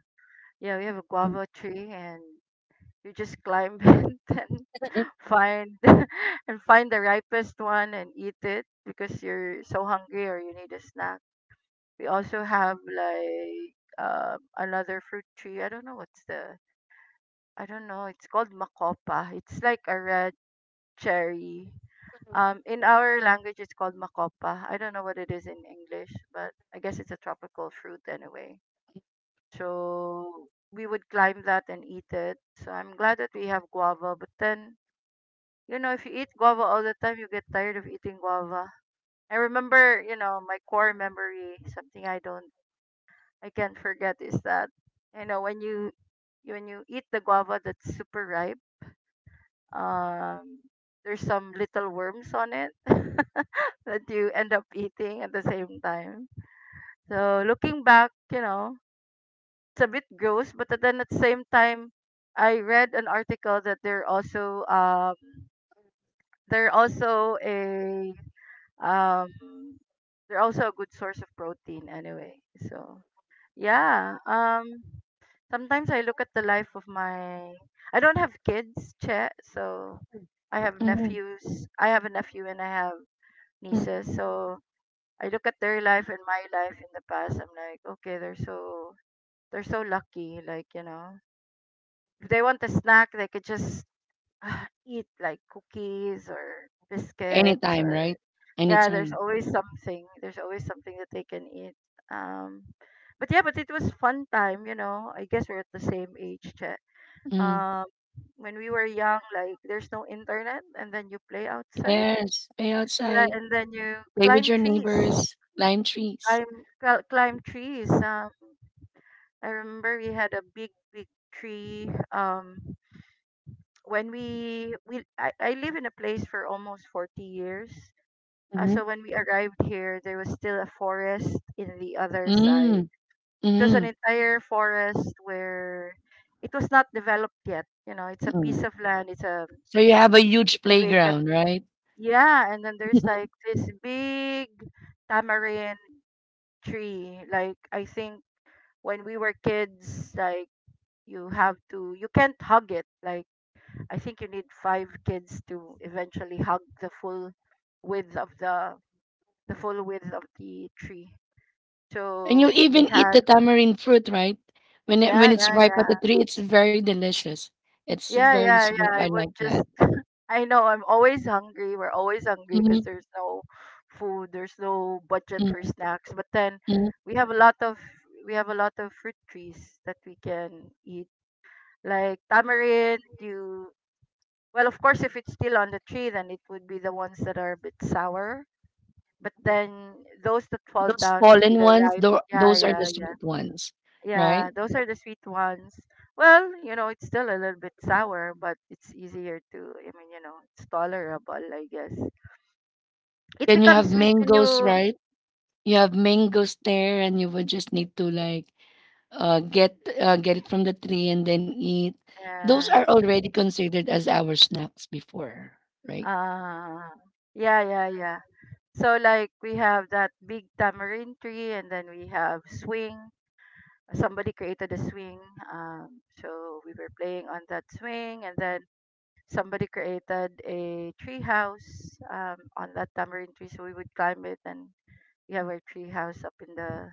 Speaker 2: yeah, we have a
Speaker 1: Mm.
Speaker 2: guava tree and you just climb it and find and find the ripest one and eat it because you're so hungry or you need a snack. We also have like um another fruit tree. I don't know what's the, I don't know. It's called makopa. It's like a red cherry. Um, in our language, it's called makopa. I don't know what it is in English, but I guess it's a tropical fruit anyway. So we would climb that and eat it. So I'm glad that we have guava, but then, you know, if you eat guava all the time, you get tired of eating guava. I remember, you know, my core memory, something I don't, I can't forget is that, you know, when you, when you eat the guava that's super ripe, um, there's some little worms on it that you end up eating at the same time. So looking back, you know, it's a bit gross, but then at the same time, I read an article that they're also, um, they're also a Um, they're also a good source of protein anyway. So yeah. Um, sometimes I look at the life of my. I don't have kids, che. So I have
Speaker 1: Mhm,
Speaker 2: nephews. I have a nephew and I have
Speaker 1: mhm.
Speaker 2: nieces. So I look at their life and my life in the past. I'm like, okay, they're so they're so lucky. Like, you know, if they want a snack, they could just eat like cookies or biscuits,
Speaker 1: Anytime,
Speaker 2: or
Speaker 1: right?
Speaker 2: yeah, there's
Speaker 1: Anytime.
Speaker 2: always something there's always something that they can eat. um but yeah, but it was fun time, you know. I guess we're at the same age, che.
Speaker 1: Mm-hmm.
Speaker 2: um when we were young, like there's no internet and then you play outside,
Speaker 1: Yes, play
Speaker 2: yeah,
Speaker 1: outside,
Speaker 2: and then you
Speaker 1: play with
Speaker 2: climb
Speaker 1: your
Speaker 2: trees,
Speaker 1: neighbors, climb trees.
Speaker 2: climb cl- climb trees um I remember we had a big big tree. Um when we we I, I live in a place for almost forty years. Uh,
Speaker 1: Mhm.
Speaker 2: so when we arrived here, there was still a forest in the other side.
Speaker 1: Mm,
Speaker 2: It was an
Speaker 1: mhm.
Speaker 2: entire forest where it was not developed yet, you know. It's a
Speaker 1: Mm.
Speaker 2: piece of land, it's a
Speaker 1: So you have a huge
Speaker 2: it's a vacant,
Speaker 1: playground, right?
Speaker 2: yeah. And then there's like this big tamarind tree, like I think when we were kids, like, you have to you can't hug it. Like, I think you need five kids to eventually hug the full width of the the full width of the tree.
Speaker 1: And you
Speaker 2: So we
Speaker 1: even eat
Speaker 2: had,
Speaker 1: the tamarind fruit, right? When it,
Speaker 2: yeah,
Speaker 1: when it's
Speaker 2: yeah,
Speaker 1: ripe at the
Speaker 2: yeah.
Speaker 1: tree, it's very delicious. It's
Speaker 2: Yeah,
Speaker 1: very
Speaker 2: yeah,
Speaker 1: sweet.
Speaker 2: yeah.
Speaker 1: I
Speaker 2: I would
Speaker 1: like
Speaker 2: just
Speaker 1: that.
Speaker 2: I know I'm always hungry. We're always hungry because
Speaker 1: Mhm,
Speaker 2: there's no food, there's no budget for
Speaker 1: mm,
Speaker 2: snacks. But then
Speaker 1: mm.
Speaker 2: we have a lot of we have a lot of fruit trees that we can eat. Like tamarind, you, well, of course, if it's still on the tree, then it would be the ones that are a bit sour. But then those that fall
Speaker 1: Those
Speaker 2: down would be
Speaker 1: fallen
Speaker 2: the
Speaker 1: ones,
Speaker 2: ripe.
Speaker 1: tho-
Speaker 2: Yeah,
Speaker 1: those are the
Speaker 2: yeah, yeah.
Speaker 1: sweet ones, right?
Speaker 2: Yeah, those are the sweet ones. Well, you know, it's still a little bit sour, but it's easier to, I mean, you know, it's tolerable, I guess. It
Speaker 1: Then you
Speaker 2: becomes
Speaker 1: have
Speaker 2: sweet when
Speaker 1: mangoes,
Speaker 2: you,
Speaker 1: right? You have mangoes there, and you would just need to like uh, get uh, get it from the tree and then eat. Those
Speaker 2: yeah,
Speaker 1: are already considered as our snacks before, right?
Speaker 2: uh, yeah, yeah, yeah. So, like, we have that big tamarind tree, and then we have swing. Somebody created a swing. Um, so we were playing on that swing, and then somebody created a tree house um, on that tamarind tree, so we would climb it and we have our tree house up in the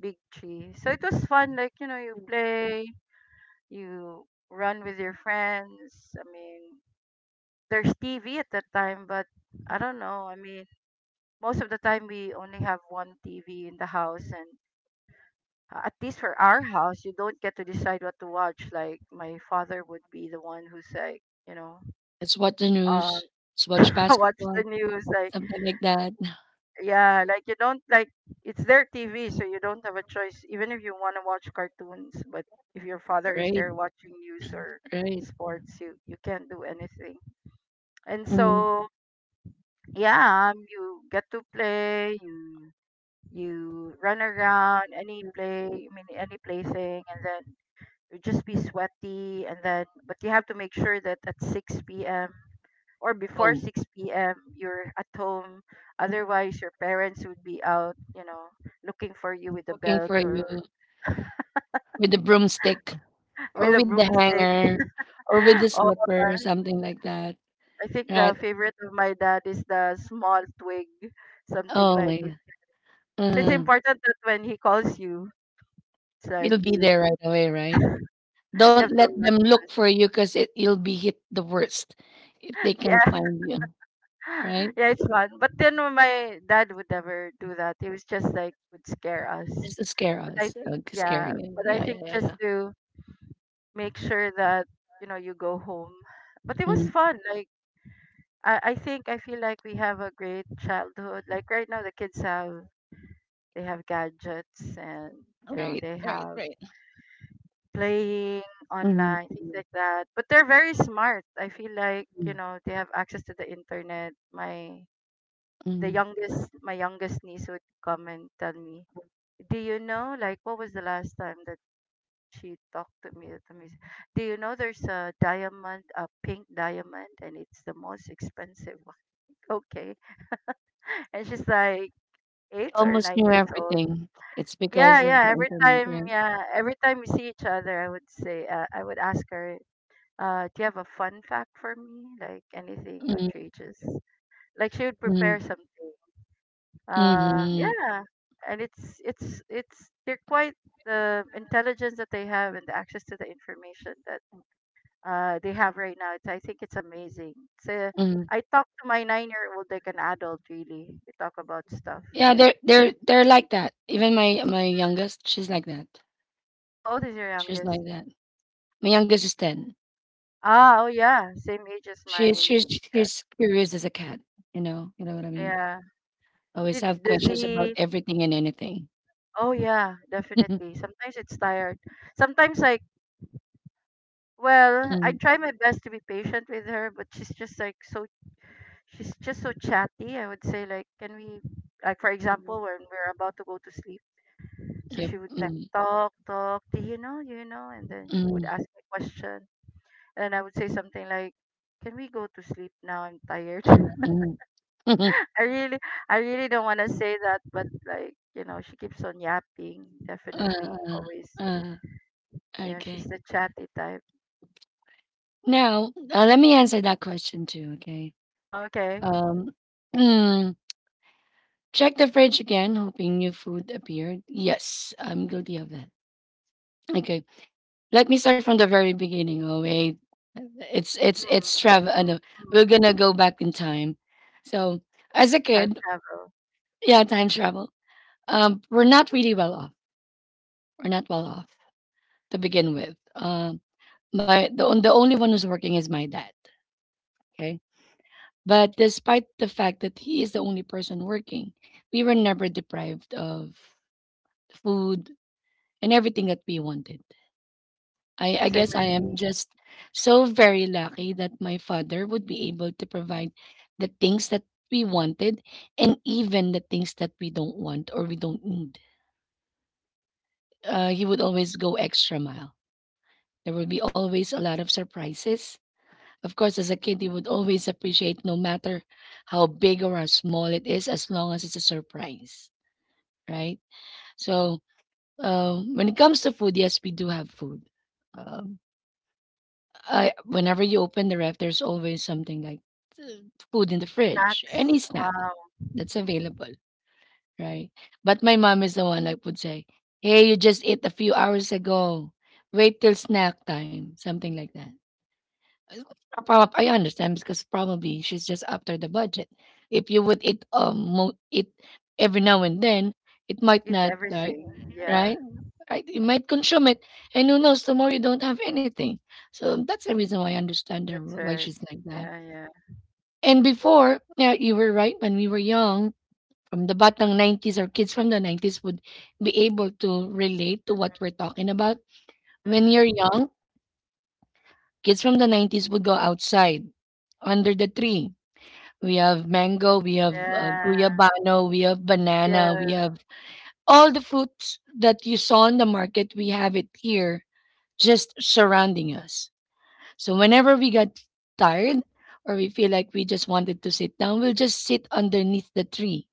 Speaker 2: big tree. So it was fun, like, you know, you play, you run with your friends. I mean, there's T V at that time, but I don't know. I mean, most of the time we only have one T V in the house, and uh, at least for our house, you don't get to decide what to watch. Like my father would be the one who's like, you know,
Speaker 1: Let's watch the
Speaker 2: um,
Speaker 1: news, let's watch
Speaker 2: watch the
Speaker 1: basketball,
Speaker 2: news, like,
Speaker 1: something like that.
Speaker 2: yeah, like you don't like, it's their T V, so you don't have a choice, even if you want to watch cartoons. But if your father is
Speaker 1: Right,
Speaker 2: there watching news or
Speaker 1: right.
Speaker 2: sports, you you can't do anything. And
Speaker 1: Mm.
Speaker 2: so yeah, um, you get to play, you you run around any play, I mean any plaything, and then you'd just be sweaty and then, but you have to make sure that at six p.m or before
Speaker 1: Oh.
Speaker 2: six p m you're at home. Otherwise, your parents would be out, you know, looking for you with a
Speaker 1: Looking
Speaker 2: belt
Speaker 1: for you
Speaker 2: or
Speaker 1: with the broomstick or
Speaker 2: with a
Speaker 1: with the
Speaker 2: broomstick.
Speaker 1: hanger or with the
Speaker 2: Or
Speaker 1: slipper, something like that.
Speaker 2: I think the
Speaker 1: Right?
Speaker 2: favorite of my dad is the small twig, something
Speaker 1: Oh
Speaker 2: like.
Speaker 1: my
Speaker 2: So
Speaker 1: God.
Speaker 2: it's
Speaker 1: Mm.
Speaker 2: important that when he calls you, it's like
Speaker 1: It'll be
Speaker 2: you
Speaker 1: there right away, right?
Speaker 2: you
Speaker 1: Don't
Speaker 2: have to
Speaker 1: let
Speaker 2: run
Speaker 1: them look
Speaker 2: fast.
Speaker 1: for you because it you'll be hit the worst if they can
Speaker 2: Yeah.
Speaker 1: find you, right?
Speaker 2: Yeah, it's fun. But then my dad would never do that. He was just like would scare us.
Speaker 1: Just to scare
Speaker 2: But I
Speaker 1: us,
Speaker 2: think
Speaker 1: uh, scare
Speaker 2: yeah,
Speaker 1: you.
Speaker 2: but I
Speaker 1: Yeah,
Speaker 2: think
Speaker 1: yeah, yeah,
Speaker 2: just
Speaker 1: yeah.
Speaker 2: to make sure that you know you go home. But it was
Speaker 1: Mhm.
Speaker 2: fun. Like I, I think I feel like we have a great childhood. Like right now the kids have they have gadgets and you know
Speaker 1: Right,
Speaker 2: they
Speaker 1: right,
Speaker 2: have
Speaker 1: right.
Speaker 2: playing
Speaker 1: Mhm,
Speaker 2: online things
Speaker 1: mhm,
Speaker 2: like that, but they're very smart. I feel like
Speaker 1: mhm,
Speaker 2: you know they have access to the internet. my the
Speaker 1: mhm.
Speaker 2: youngest my youngest niece would come and tell me, do you know, like, what was the last time that she talked to me to me do you know there's a diamond, a pink diamond, and it's the most expensive one? Okay. And she's like
Speaker 1: They
Speaker 2: eight or
Speaker 1: almost
Speaker 2: nine
Speaker 1: knew
Speaker 2: years old.
Speaker 1: everything. It's
Speaker 2: yeah
Speaker 1: because of the
Speaker 2: yeah every
Speaker 1: internet,
Speaker 2: time
Speaker 1: right?
Speaker 2: yeah every time we see each other, I would say, uh, I would ask her, uh, do you have a fun fact for me, like anything
Speaker 1: Mhm,
Speaker 2: outrageous? Like she would prepare
Speaker 1: mhm,
Speaker 2: something. um
Speaker 1: mhm,
Speaker 2: yeah And it's it's it's they're quite the intelligence that they have and the access to the information that uh they have right now. It's, I think it's amazing. It's a,
Speaker 1: mhm.
Speaker 2: I talk to my nine year old like an adult. Really, we talk about stuff
Speaker 1: Yeah,
Speaker 2: like
Speaker 1: they're they're they're like that. Even my my youngest, she's like that.
Speaker 2: how old is your
Speaker 1: She's
Speaker 2: youngest?
Speaker 1: like that. My youngest is ten.
Speaker 2: Ah, oh yeah, same age as
Speaker 1: She's
Speaker 2: my
Speaker 1: she's
Speaker 2: niece. Yeah,
Speaker 1: she's curious as a cat. You know, you know what I mean.
Speaker 2: yeah.
Speaker 1: Always
Speaker 2: Did,
Speaker 1: have
Speaker 2: does
Speaker 1: questions
Speaker 2: he
Speaker 1: about everything and anything.
Speaker 2: oh yeah, definitely. Sometimes it's tired. Sometimes, like, well, I
Speaker 1: Mm,
Speaker 2: try my best to be patient with her, but she's just like so she's just so chatty. I would say like, can we, like, for example, when we're about to go to sleep, so
Speaker 1: yep.
Speaker 2: she would like
Speaker 1: Mm,
Speaker 2: talk, talk, do you know, do you know, and then would
Speaker 1: mm,
Speaker 2: ask me a question, and I would say something like, can we go to sleep now? I'm tired.
Speaker 1: mm, mm.
Speaker 2: I really, I really don't want to say that, but like you know, she keeps on yapping. Definitely,
Speaker 1: uh,
Speaker 2: always.
Speaker 1: uh,
Speaker 2: Yeah, she's
Speaker 1: okay.
Speaker 2: the chatty type.
Speaker 1: Now, uh, let me answer that question too, okay?
Speaker 2: Oh, okay.
Speaker 1: Um, mm, check the fridge again, hoping new food appeared. Yes, I'm guilty of that. Okay. Let me start from the very beginning. Oh, wait. It's,
Speaker 2: Mm,
Speaker 1: it's, it's travel. Uh,
Speaker 2: mm, mm.
Speaker 1: no, we're gonna go back in time. So, as a
Speaker 2: Time
Speaker 1: kid,
Speaker 2: travel.
Speaker 1: yeah, time travel. Um, we're not really well off are not well off to begin with. Um, my the on- the only one who's working is my dad. Okay, but despite the fact that he is the only person working, we were never deprived of food and everything that we wanted. I I
Speaker 2: Mm, same
Speaker 1: guess I
Speaker 2: with
Speaker 1: am
Speaker 2: me.
Speaker 1: just so very lucky that my father would be able to provide the things that we wanted and even the things that we don't want or we don't need. Uh, he would always go extra mile. There would be always a lot of surprises. Of course, as a kid, you would always appreciate no matter how big or how small it is, as long as it's a surprise, right? So, uh, when it comes to food, yes, we do have food. Um, I whenever you open the ref, there's always something like uh, food in the fridge, any
Speaker 2: Snacks.
Speaker 1: snack
Speaker 2: Wow.
Speaker 1: that's
Speaker 2: Mm.
Speaker 1: available, right? But my mom is the one that would say, "Hey, you just ate a few hours ago. Wait till snack time," something like that. Uh, Prob I understand because probably she's just after the budget. If you would eat um mo- eat every now and then, it might
Speaker 2: Eat
Speaker 1: not like
Speaker 2: everything. Yeah,
Speaker 1: right. Right, you might consume it, and who knows? Tomorrow you don't have anything, so that's the reason why I understand her
Speaker 2: that's
Speaker 1: why
Speaker 2: right.
Speaker 1: she's like that.
Speaker 2: Yeah, yeah.
Speaker 1: And before, yeah, you were right. When we were young, from the batang nineties, or kids from the nineties would be able to relate to what we're talking about. When
Speaker 2: Mm.
Speaker 1: you're young, kids from the nineties would go outside under the tree. We have mango, we have uh,
Speaker 2: Yeah,
Speaker 1: guyabano, we have banana, we
Speaker 2: yeah.
Speaker 1: have all the fruits that you saw in the market. We have it here, just surrounding us. So whenever we get tired or we feel like we just wanted to sit down, we'll just sit underneath the tree.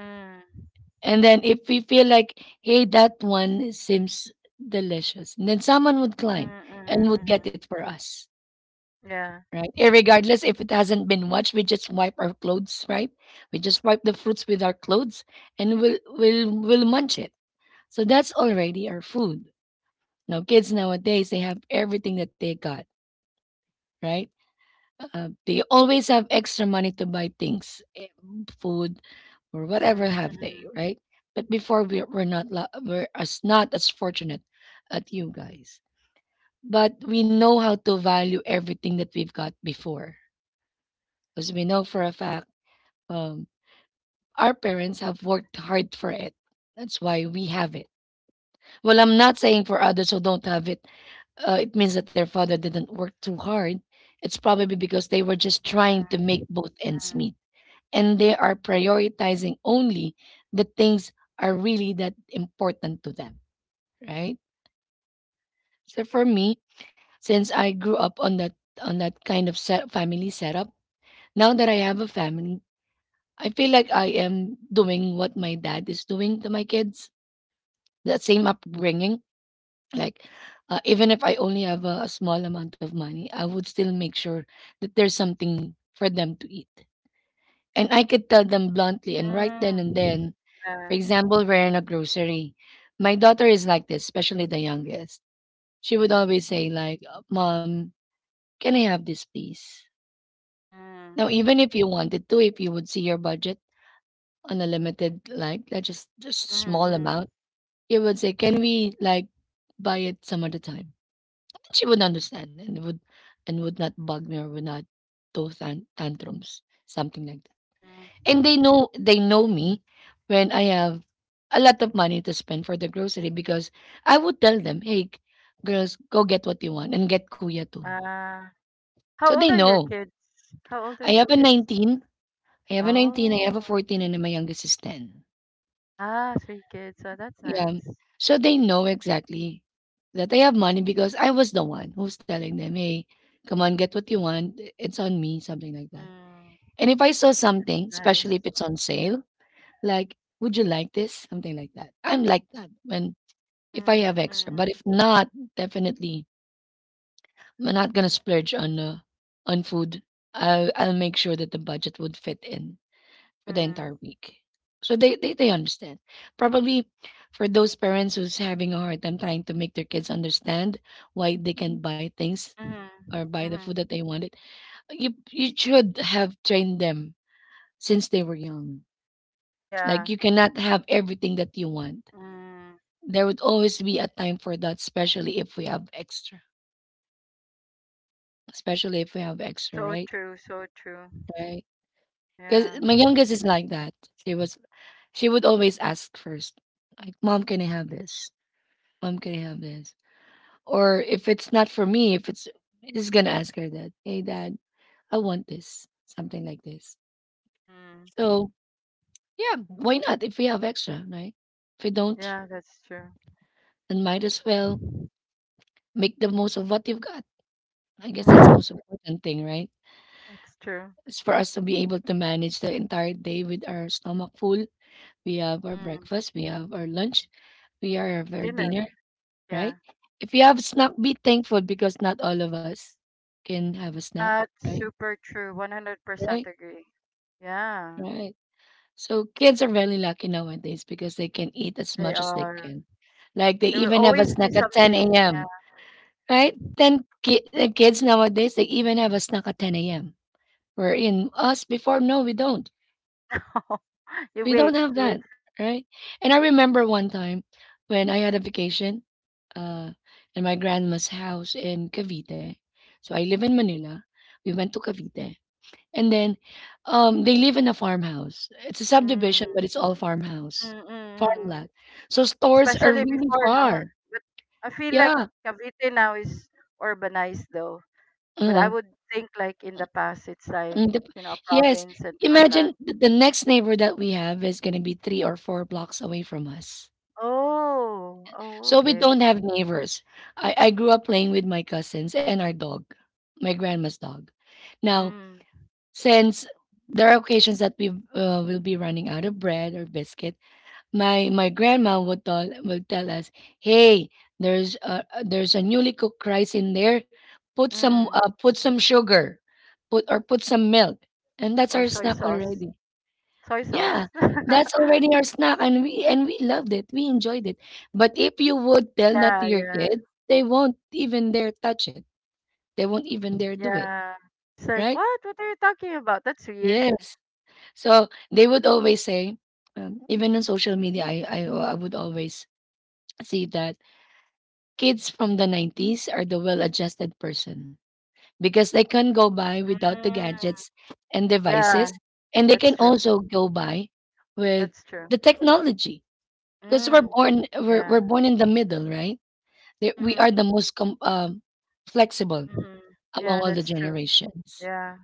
Speaker 2: Mm.
Speaker 1: And then if we feel like, hey, that one seems delicious, and then someone would
Speaker 2: Mm,
Speaker 1: climb
Speaker 2: mm,
Speaker 1: and would get
Speaker 2: mm.
Speaker 1: it for us,
Speaker 2: Yeah.
Speaker 1: right? Irregardless if it hasn't been washed, we just wipe our clothes, right? We just wipe the fruits with our clothes and we'll we'll we'll munch it. So that's already our food. Now kids nowadays they have everything that they got, right? Uh, they always have extra money to buy things, eh, food or whatever
Speaker 2: Mm,
Speaker 1: have they,
Speaker 2: mm,
Speaker 1: right? But before we we're not la- we're as not as fortunate as you guys. But we know how to value everything that we've got before. Because we know for a fact um, our parents have worked hard for it. That's why we have it. Well, I'm not saying for others who don't have it, uh, it means that their father didn't work too hard. It's probably because they were just
Speaker 2: mm,
Speaker 1: trying to make
Speaker 2: mm,
Speaker 1: both ends meet. And they are prioritizing only the things are really that important to them, right? So for me, since I grew up on that on that kind of set, family setup, now that I have a family, I feel like I am doing what my dad is doing to my kids the same upbringing. Like, uh, even if I only have a, a small amount of money, I would still make sure that there's something for them to eat. And I could tell them bluntly and right then and
Speaker 2: mm.
Speaker 1: then. For
Speaker 2: Yeah.
Speaker 1: example, we're in a grocery. My daughter is like this, especially the youngest. She would always say, like, "Uh, Mom, can I have this, please?" Now,
Speaker 2: Mm.
Speaker 1: even if you wanted to, if you would see your budget on a limited, like, uh, just just
Speaker 2: Mm,
Speaker 1: small
Speaker 2: mm,
Speaker 1: amount, you would say, can we, like, buy it some other time? She would understand and would and would not bug me or would not throw tan- tantrums, something like that.
Speaker 2: mm.
Speaker 1: And they know they know me when I have a lot of money to spend for the grocery because I would tell them, "Hey, g- girls, go get what you want and get kuya too."
Speaker 2: Ah.
Speaker 1: So
Speaker 2: How
Speaker 1: they
Speaker 2: old are your
Speaker 1: know.
Speaker 2: kids? How old are
Speaker 1: I
Speaker 2: your
Speaker 1: have a
Speaker 2: kids?
Speaker 1: 19, I have a nineteen, I have a
Speaker 2: Oh.
Speaker 1: fourteen and my youngest is ten.
Speaker 2: Ah, three kids. Oh, that's
Speaker 1: Yeah.
Speaker 2: nice.
Speaker 1: So they know exactly that I have money because I was the one who's telling them, "Hey, come on, get what you want. It's on me," something like that.
Speaker 2: Mm.
Speaker 1: And if I saw
Speaker 2: That's
Speaker 1: something,
Speaker 2: nice.
Speaker 1: especially if it's on sale, like, would you like this? Something like that. I'm like that when if I
Speaker 2: Mm,
Speaker 1: have extra.
Speaker 2: mm,
Speaker 1: But if not, definitely I'm not gonna splurge on uh, on food. I'll I'll make sure that the budget would fit in for the
Speaker 2: mm,
Speaker 1: entire week. So they, they they understand. Probably for those parents who's having a hard time trying to make their kids understand why they can buy things or
Speaker 2: mm,
Speaker 1: buy the food
Speaker 2: mm.
Speaker 1: that they wanted, you you should have trained them since they were young.
Speaker 2: Yeah.
Speaker 1: Like you cannot have everything that you want.
Speaker 2: Mm.
Speaker 1: There would always be a time for that, especially if we have extra. Especially if we have extra,
Speaker 2: So
Speaker 1: right?
Speaker 2: true, so true.
Speaker 1: Right. Because
Speaker 2: Yeah.
Speaker 1: my youngest is like that. She was she would always ask first. Like, Mom, can I have this? Mom, can I have this? Or if it's not for me, if it's just gonna ask her that, hey dad, I want this. Something like this.
Speaker 2: Mm.
Speaker 1: So yeah, why not? If we have extra, right? If we don't,
Speaker 2: Yeah, that's true.
Speaker 1: then might as well make the most of what you've got. I guess that's the most important thing, right?
Speaker 2: That's true.
Speaker 1: It's for us to be able to manage the entire day with our stomach full. We have our
Speaker 2: Mm.
Speaker 1: breakfast, we have our lunch, we have our
Speaker 2: Dinner.
Speaker 1: dinner,
Speaker 2: Yeah.
Speaker 1: right? If you have snack, be thankful because not all of us can have a snack,
Speaker 2: That's
Speaker 1: right?
Speaker 2: super true. one hundred percent
Speaker 1: Right?
Speaker 2: agree. Yeah,
Speaker 1: Right. So kids are very lucky nowadays because they can eat as
Speaker 2: they
Speaker 1: much as they
Speaker 2: are.
Speaker 1: can. Like they
Speaker 2: There will
Speaker 1: even have a
Speaker 2: always be
Speaker 1: snack at 10
Speaker 2: something.
Speaker 1: a.m., right? Ten ki- uh, kids nowadays, they even have a snack at ten a m We in us before, no, we don't.
Speaker 2: Yeah. You
Speaker 1: We
Speaker 2: wait.
Speaker 1: don't have
Speaker 2: You wait
Speaker 1: that,
Speaker 2: for
Speaker 1: right?
Speaker 2: lunch.
Speaker 1: And I remember one time when I had a vacation uh, in my grandma's house in Cavite. So I live in Manila. We went to Cavite. And then um, they live in a farmhouse. It's a subdivision,
Speaker 2: Mm,
Speaker 1: but it's all
Speaker 2: mm,
Speaker 1: farmhouse,
Speaker 2: mm, mm.
Speaker 1: farmland. So stores are
Speaker 2: Especially
Speaker 1: really
Speaker 2: before, no?
Speaker 1: far.
Speaker 2: But I feel like
Speaker 1: Yeah.
Speaker 2: Cavite now is urbanized though. But
Speaker 1: Uh,
Speaker 2: I would think like in the past it's like,
Speaker 1: and the-
Speaker 2: you know, a
Speaker 1: yes.
Speaker 2: province and
Speaker 1: Imagine
Speaker 2: farmland.
Speaker 1: th- the next neighbor that we have is going to be three or four blocks away from us.
Speaker 2: Oh, oh,
Speaker 1: So we
Speaker 2: okay.
Speaker 1: don't have neighbors. I, I grew up playing with my cousins and our dog, my grandma's dog. Now,
Speaker 2: Mm,
Speaker 1: since there are occasions that we uh, will be running out of bread or biscuit, my my grandma would tell would tell us, "Hey, there's a a- there's a newly cooked rice in there. Put some
Speaker 2: mm.
Speaker 1: uh, put some sugar, put or put some milk, and that's
Speaker 2: Or
Speaker 1: our
Speaker 2: soy
Speaker 1: snack
Speaker 2: sauce.
Speaker 1: already."
Speaker 2: Soy
Speaker 1: Yeah,
Speaker 2: sauce.
Speaker 1: that's already our snack, and we and we loved it. We enjoyed it. But if you would tell that to
Speaker 2: Yeah,
Speaker 1: your
Speaker 2: yeah,
Speaker 1: kids, they won't even dare touch it. They won't even dare do it,
Speaker 2: yeah. It's like,
Speaker 1: right?
Speaker 2: what? What are you talking about? That's weird.
Speaker 1: Yes. So they would always say, um, even on social media, I, I I would always see that kids from the nineties are the well-adjusted person because they can go by without the
Speaker 2: Mm.
Speaker 1: gadgets and
Speaker 2: Yeah,
Speaker 1: devices, and they can
Speaker 2: that's true.
Speaker 1: also go by with
Speaker 2: That's true.
Speaker 1: the technology because we're
Speaker 2: Mm.
Speaker 1: born we're, we're
Speaker 2: Yeah.
Speaker 1: born in the middle, right? That we are
Speaker 2: Mm-hmm.
Speaker 1: the most com- um, flexible
Speaker 2: Mm-hmm.
Speaker 1: among
Speaker 2: Yeah,
Speaker 1: all the
Speaker 2: that's true.
Speaker 1: generations.
Speaker 2: Yeah.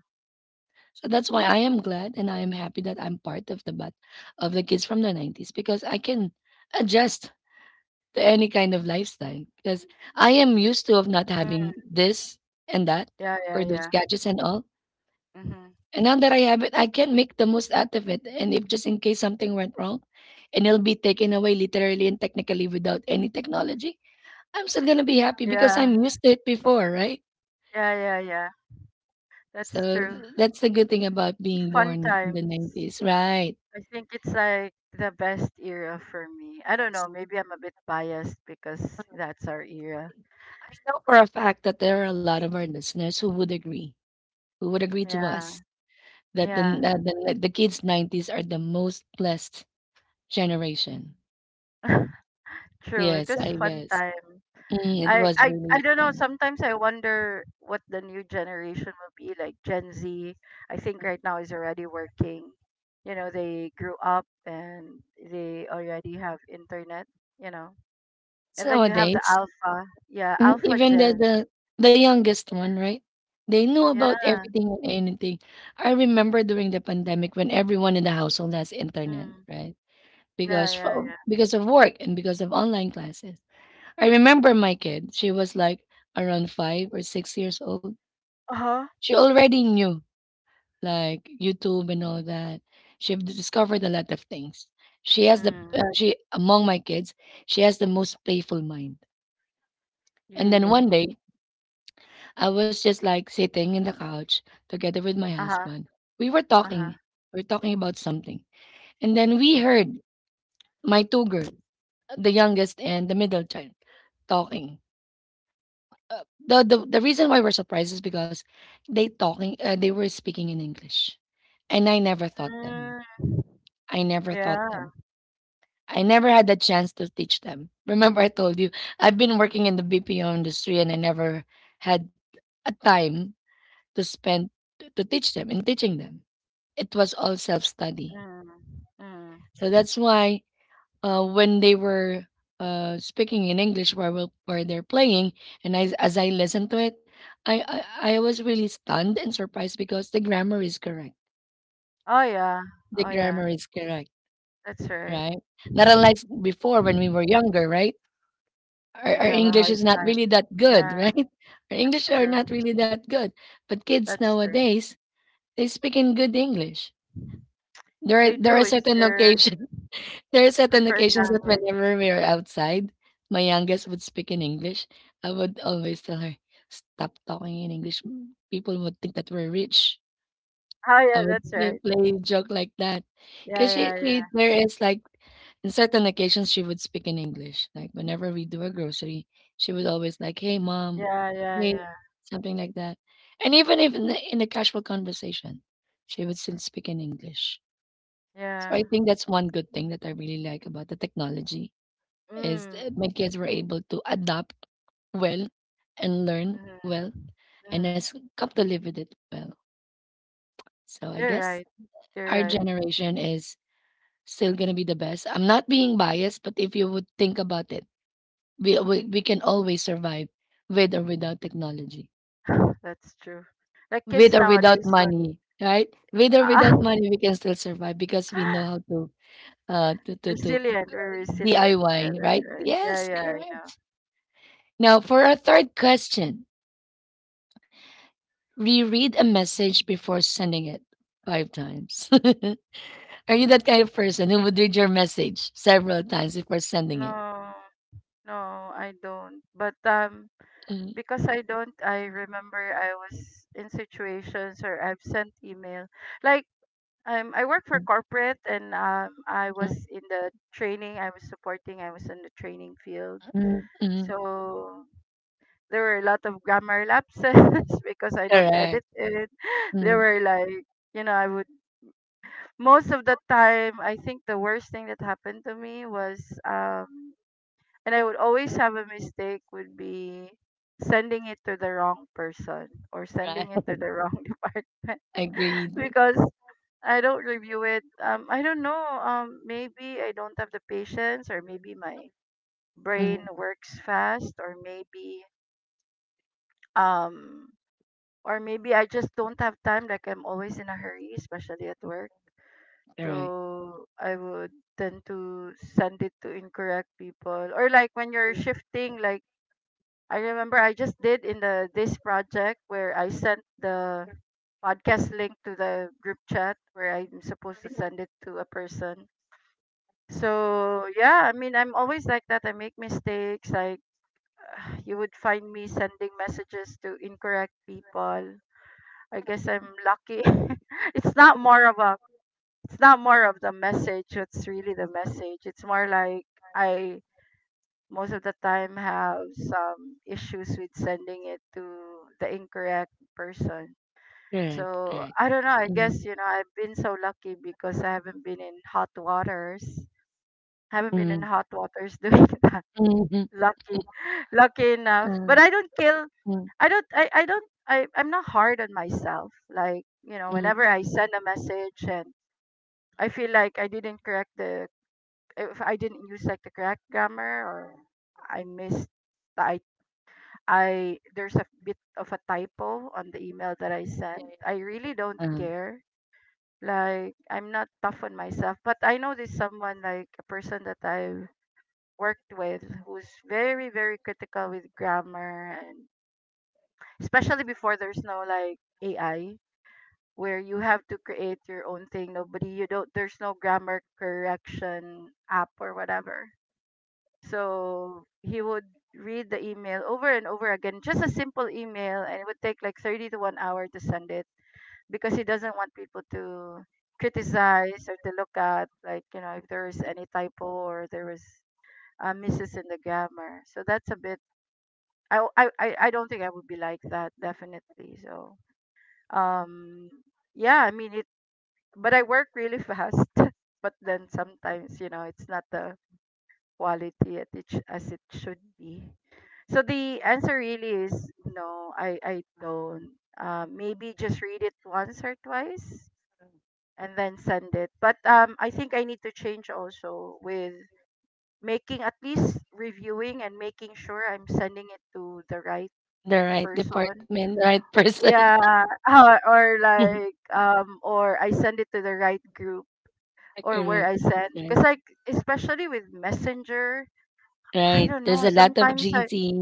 Speaker 1: So that's why I am glad and I am happy that I'm part of the bat of the kids from the nineties because I can adjust to any kind of lifestyle because I am used to of not having
Speaker 2: Mm.
Speaker 1: this and that
Speaker 2: Yeah,
Speaker 1: or
Speaker 2: yeah,
Speaker 1: those
Speaker 2: yeah.
Speaker 1: gadgets and all.
Speaker 2: Mm-hmm.
Speaker 1: And now that I have it, I can make the most out of it. And if just in case something went wrong and it'll be taken away literally and technically without any technology, I'm still gonna be happy because
Speaker 2: Yeah,
Speaker 1: I'm used to it before, right?
Speaker 2: yeah, yeah, yeah.
Speaker 1: So
Speaker 2: That's true.
Speaker 1: that's the good thing about being
Speaker 2: Fun
Speaker 1: born in the
Speaker 2: times.
Speaker 1: nineties, right?
Speaker 2: I think it's like the best era for me. I don't know,
Speaker 1: Yes.
Speaker 2: maybe I'm a bit biased because that's our era.
Speaker 1: I know for a fact that there are a lot of our listeners who would agree, who would agree to
Speaker 2: Yeah.
Speaker 1: us that the
Speaker 2: Yeah.
Speaker 1: uh, the, uh, the kids nineties are the most blessed generation.
Speaker 2: True. It
Speaker 1: Yes,
Speaker 2: was
Speaker 1: I
Speaker 2: fun
Speaker 1: guess.
Speaker 2: time.
Speaker 1: Mm, it
Speaker 2: I,
Speaker 1: was
Speaker 2: I I
Speaker 1: really
Speaker 2: don't know,
Speaker 1: fun.
Speaker 2: sometimes I wonder what the new generation will be like, Gen Z. I think right now is already working. You know, they grew up and they already have internet, you know.
Speaker 1: So
Speaker 2: And then you have the
Speaker 1: nowadays,
Speaker 2: alpha. Yeah,
Speaker 1: Mm,
Speaker 2: alpha
Speaker 1: even the
Speaker 2: gen.
Speaker 1: the the youngest one, right? They know
Speaker 2: Yeah.
Speaker 1: about
Speaker 2: Yeah.
Speaker 1: everything and anything. I remember during the pandemic when everyone in the household has internet,
Speaker 2: Mm.
Speaker 1: right?
Speaker 2: Yeah,
Speaker 1: Because
Speaker 2: yeah,
Speaker 1: for,
Speaker 2: yeah.
Speaker 1: because of work and because of online classes. I remember my kid. She was like around five or six years old.
Speaker 2: Uh-huh.
Speaker 1: She already knew like YouTube and all that. She have discovered a lot of things. She has the uh,
Speaker 2: Mm,
Speaker 1: she among my kids. She has the most playful mind. And then
Speaker 2: really?
Speaker 1: one day I was just like sitting in the couch together with my
Speaker 2: Uh-huh,
Speaker 1: husband. We were
Speaker 2: uh-huh.
Speaker 1: talking. We were talking about something. And then we heard my two girls, the youngest and the middle child, talking. Uh, the, the the reason why we're surprised is because they talking uh, they were speaking in English. And I never taught them.
Speaker 2: Mm,
Speaker 1: I never taught
Speaker 2: yeah.
Speaker 1: them. I never had the chance to teach them. Remember I told you I've been working in the B P O industry and I never had a time to spend t- to teach them in teaching them. It was all self study.
Speaker 2: Mm, mm.
Speaker 1: So that's why uh, when they were uh, speaking in English while we- while they're playing, and I, as I listened to it, I, I I was really stunned and surprised because the grammar is correct.
Speaker 2: Oh yeah,
Speaker 1: The
Speaker 2: oh yeah.
Speaker 1: grammar is correct,
Speaker 2: That's right.
Speaker 1: right? Not unlike before when we were younger, right? Our,
Speaker 2: We'd
Speaker 1: our
Speaker 2: have a
Speaker 1: English
Speaker 2: hard
Speaker 1: is not really
Speaker 2: time.
Speaker 1: that good,
Speaker 2: Yeah,
Speaker 1: right? Our
Speaker 2: that's
Speaker 1: English are
Speaker 2: true.
Speaker 1: not really that good, but kids
Speaker 2: That's true.
Speaker 1: nowadays they speak in good English. There are
Speaker 2: They
Speaker 1: there
Speaker 2: do.
Speaker 1: are
Speaker 2: It's
Speaker 1: certain
Speaker 2: their
Speaker 1: occasions. there are certain
Speaker 2: preferred
Speaker 1: occasions that
Speaker 2: language.
Speaker 1: whenever we are outside, my youngest would speak in English. I would always tell her, "Stop talking in English. m- People would think that we're rich."
Speaker 2: Oh yeah,
Speaker 1: I would
Speaker 2: that's
Speaker 1: play
Speaker 2: right.
Speaker 1: play a joke like that,
Speaker 2: Yeah,
Speaker 1: because she,
Speaker 2: yeah, yeah.
Speaker 1: she there is like in certain occasions she would speak in English. Like whenever we do a grocery, she would always like, "Hey, mom,"
Speaker 2: Yeah, yeah,
Speaker 1: "Hey,"
Speaker 2: yeah.
Speaker 1: something like that. And even if in the, in a casual conversation, she would still speak in English. So
Speaker 2: Yeah.
Speaker 1: I think that's one good thing that I really like about the technology is
Speaker 2: Mm.
Speaker 1: that my kids were able to adapt well and learn
Speaker 2: Mm-hmm.
Speaker 1: well and
Speaker 2: Mm-hmm.
Speaker 1: has come to live with it well. So I
Speaker 2: You're
Speaker 1: guess
Speaker 2: right. You're
Speaker 1: our
Speaker 2: right.
Speaker 1: generation is still gonna be the best. I'm not being biased, but if you would think about it, we we, we can always survive with or without technology,
Speaker 2: That's true. Like
Speaker 1: with
Speaker 2: kids
Speaker 1: or without
Speaker 2: nowadays would
Speaker 1: money, right? With or without money, we can still survive because we know
Speaker 2: ah,
Speaker 1: how to uh to to, to
Speaker 2: resilient or resilient.
Speaker 1: D I Y,
Speaker 2: Yeah, that's
Speaker 1: right?
Speaker 2: right. Yeah,
Speaker 1: Yes,
Speaker 2: yeah, I know.
Speaker 1: correct. Now, for our third question, reread a message before sending it five times. Are you that kind of person who would read your message several times before sending it?
Speaker 2: No, no, I don't. But um,
Speaker 1: Mm,
Speaker 2: because I don't, I remember I was in situations where I've sent email. Like um, I work for
Speaker 1: mm,
Speaker 2: corporate, and um, I
Speaker 1: mm,
Speaker 2: was in the training. I was supporting. I was in the training field.
Speaker 1: mm, mm.
Speaker 2: So there were a lot of grammar lapses because I don't
Speaker 1: Correct.
Speaker 2: edit it. There
Speaker 1: Mm,
Speaker 2: were like, you know, I would, most of the time, I think the worst thing that happened to me was, um, and I would always have a mistake would be sending it to the wrong person or
Speaker 1: right.
Speaker 2: sending it to the wrong department
Speaker 1: Agreed.
Speaker 2: because I don't review it. Um, I don't know. Um, maybe I don't have the patience, or maybe my brain
Speaker 1: Mm,
Speaker 2: works fast, or maybe um, or maybe I just don't have time. Like I'm always in a hurry, especially at work.
Speaker 1: correct.
Speaker 2: So I would tend to send it to incorrect people. Or like when you're shifting, like I remember I just did in the this project where I sent the podcast link to the group chat where I'm supposed to send it to a person. So yeah, I mean, I'm always like that. I make mistakes. Like you would find me sending messages to incorrect people. I guess I'm lucky. it's not more of a it's not more of the message, it's really the message, it's more like I most of the time have some issues with sending it to the incorrect person.
Speaker 1: Correct.
Speaker 2: So
Speaker 1: Correct.
Speaker 2: I don't know, I
Speaker 1: Mm,
Speaker 2: guess you know I've been so lucky because I haven't been in hot waters haven't been in
Speaker 1: mm,
Speaker 2: hot waters doing that.
Speaker 1: mm, mm,
Speaker 2: Lucky lucky enough. But
Speaker 1: mm,
Speaker 2: I don't kill
Speaker 1: mm,
Speaker 2: I don't I, I don't I, I'm not hard on myself, like, you know, whenever
Speaker 1: mm,
Speaker 2: I send a message and I feel like I didn't correct the, if I didn't use like the correct grammar, or I missed the I I there's a bit of a typo on the email that I sent, I really don't
Speaker 1: mm.
Speaker 2: care. Like I'm not tough on myself, but I know there's someone, like a person that I've worked with who's very very critical with grammar, and especially before there's no like A I where you have to create your own thing. Nobody you don't There's no grammar correction app or whatever. So he would read the email over and over again, just a simple email, and it would take like thirty to one hour to send it because he doesn't want people to criticize or to look at, like, you know, if there is any typo or there was uh, misses in the grammar. So that's a bit, I, I, I I don't think I would be like that, definitely. So, um, yeah, I mean, it, but I work really fast. But then sometimes, you know, it's not the quality at it, sh- as it should be? So the answer really is no, I, I don't. Uh, maybe just read it once or twice and then send it. But um, I think I need to change also with making at least reviewing and making sure I'm sending it to the right
Speaker 1: The right
Speaker 2: person.
Speaker 1: department, the right person.
Speaker 2: Yeah, or, or like um, or I send it to the right group or where
Speaker 1: Correct.
Speaker 2: I send.
Speaker 1: That's
Speaker 2: Cause
Speaker 1: right.
Speaker 2: like especially with Messenger, I
Speaker 1: Right.
Speaker 2: don't
Speaker 1: There's
Speaker 2: know.
Speaker 1: a lot of
Speaker 2: Sometimes I
Speaker 1: G C.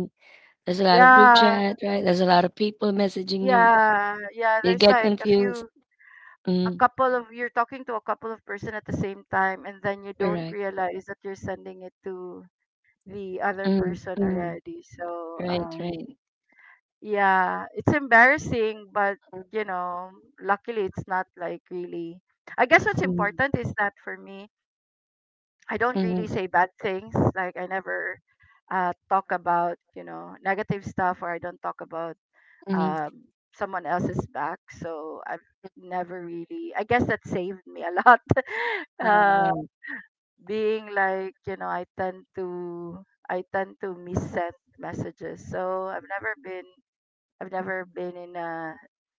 Speaker 1: There's a lot of group
Speaker 2: yeah,
Speaker 1: chat, right? There's a lot of people messaging you.
Speaker 2: yeah, yeah.
Speaker 1: You
Speaker 2: There's
Speaker 1: get
Speaker 2: like a
Speaker 1: confused.
Speaker 2: few, a
Speaker 1: Mm,
Speaker 2: couple of, you're talking to a couple of person at the same time, and then you don't
Speaker 1: correct.
Speaker 2: realize that you're sending it to the other
Speaker 1: Mm,
Speaker 2: person
Speaker 1: mm,
Speaker 2: already. So,
Speaker 1: right,
Speaker 2: um,
Speaker 1: right.
Speaker 2: yeah, it's embarrassing, but you know, luckily it's not like really. I guess what's
Speaker 1: Mm,
Speaker 2: important is that for me, I don't really
Speaker 1: mm,
Speaker 2: say bad things. Like I never uh talk about, you know, negative stuff, or I don't talk about
Speaker 1: mm.
Speaker 2: um, someone else's back. So I've never really, I guess that saved me a lot.
Speaker 1: Ah,
Speaker 2: uh,
Speaker 1: right.
Speaker 2: being like, you know, I tend to, I tend to missend messages. So I've never been, I've never been in a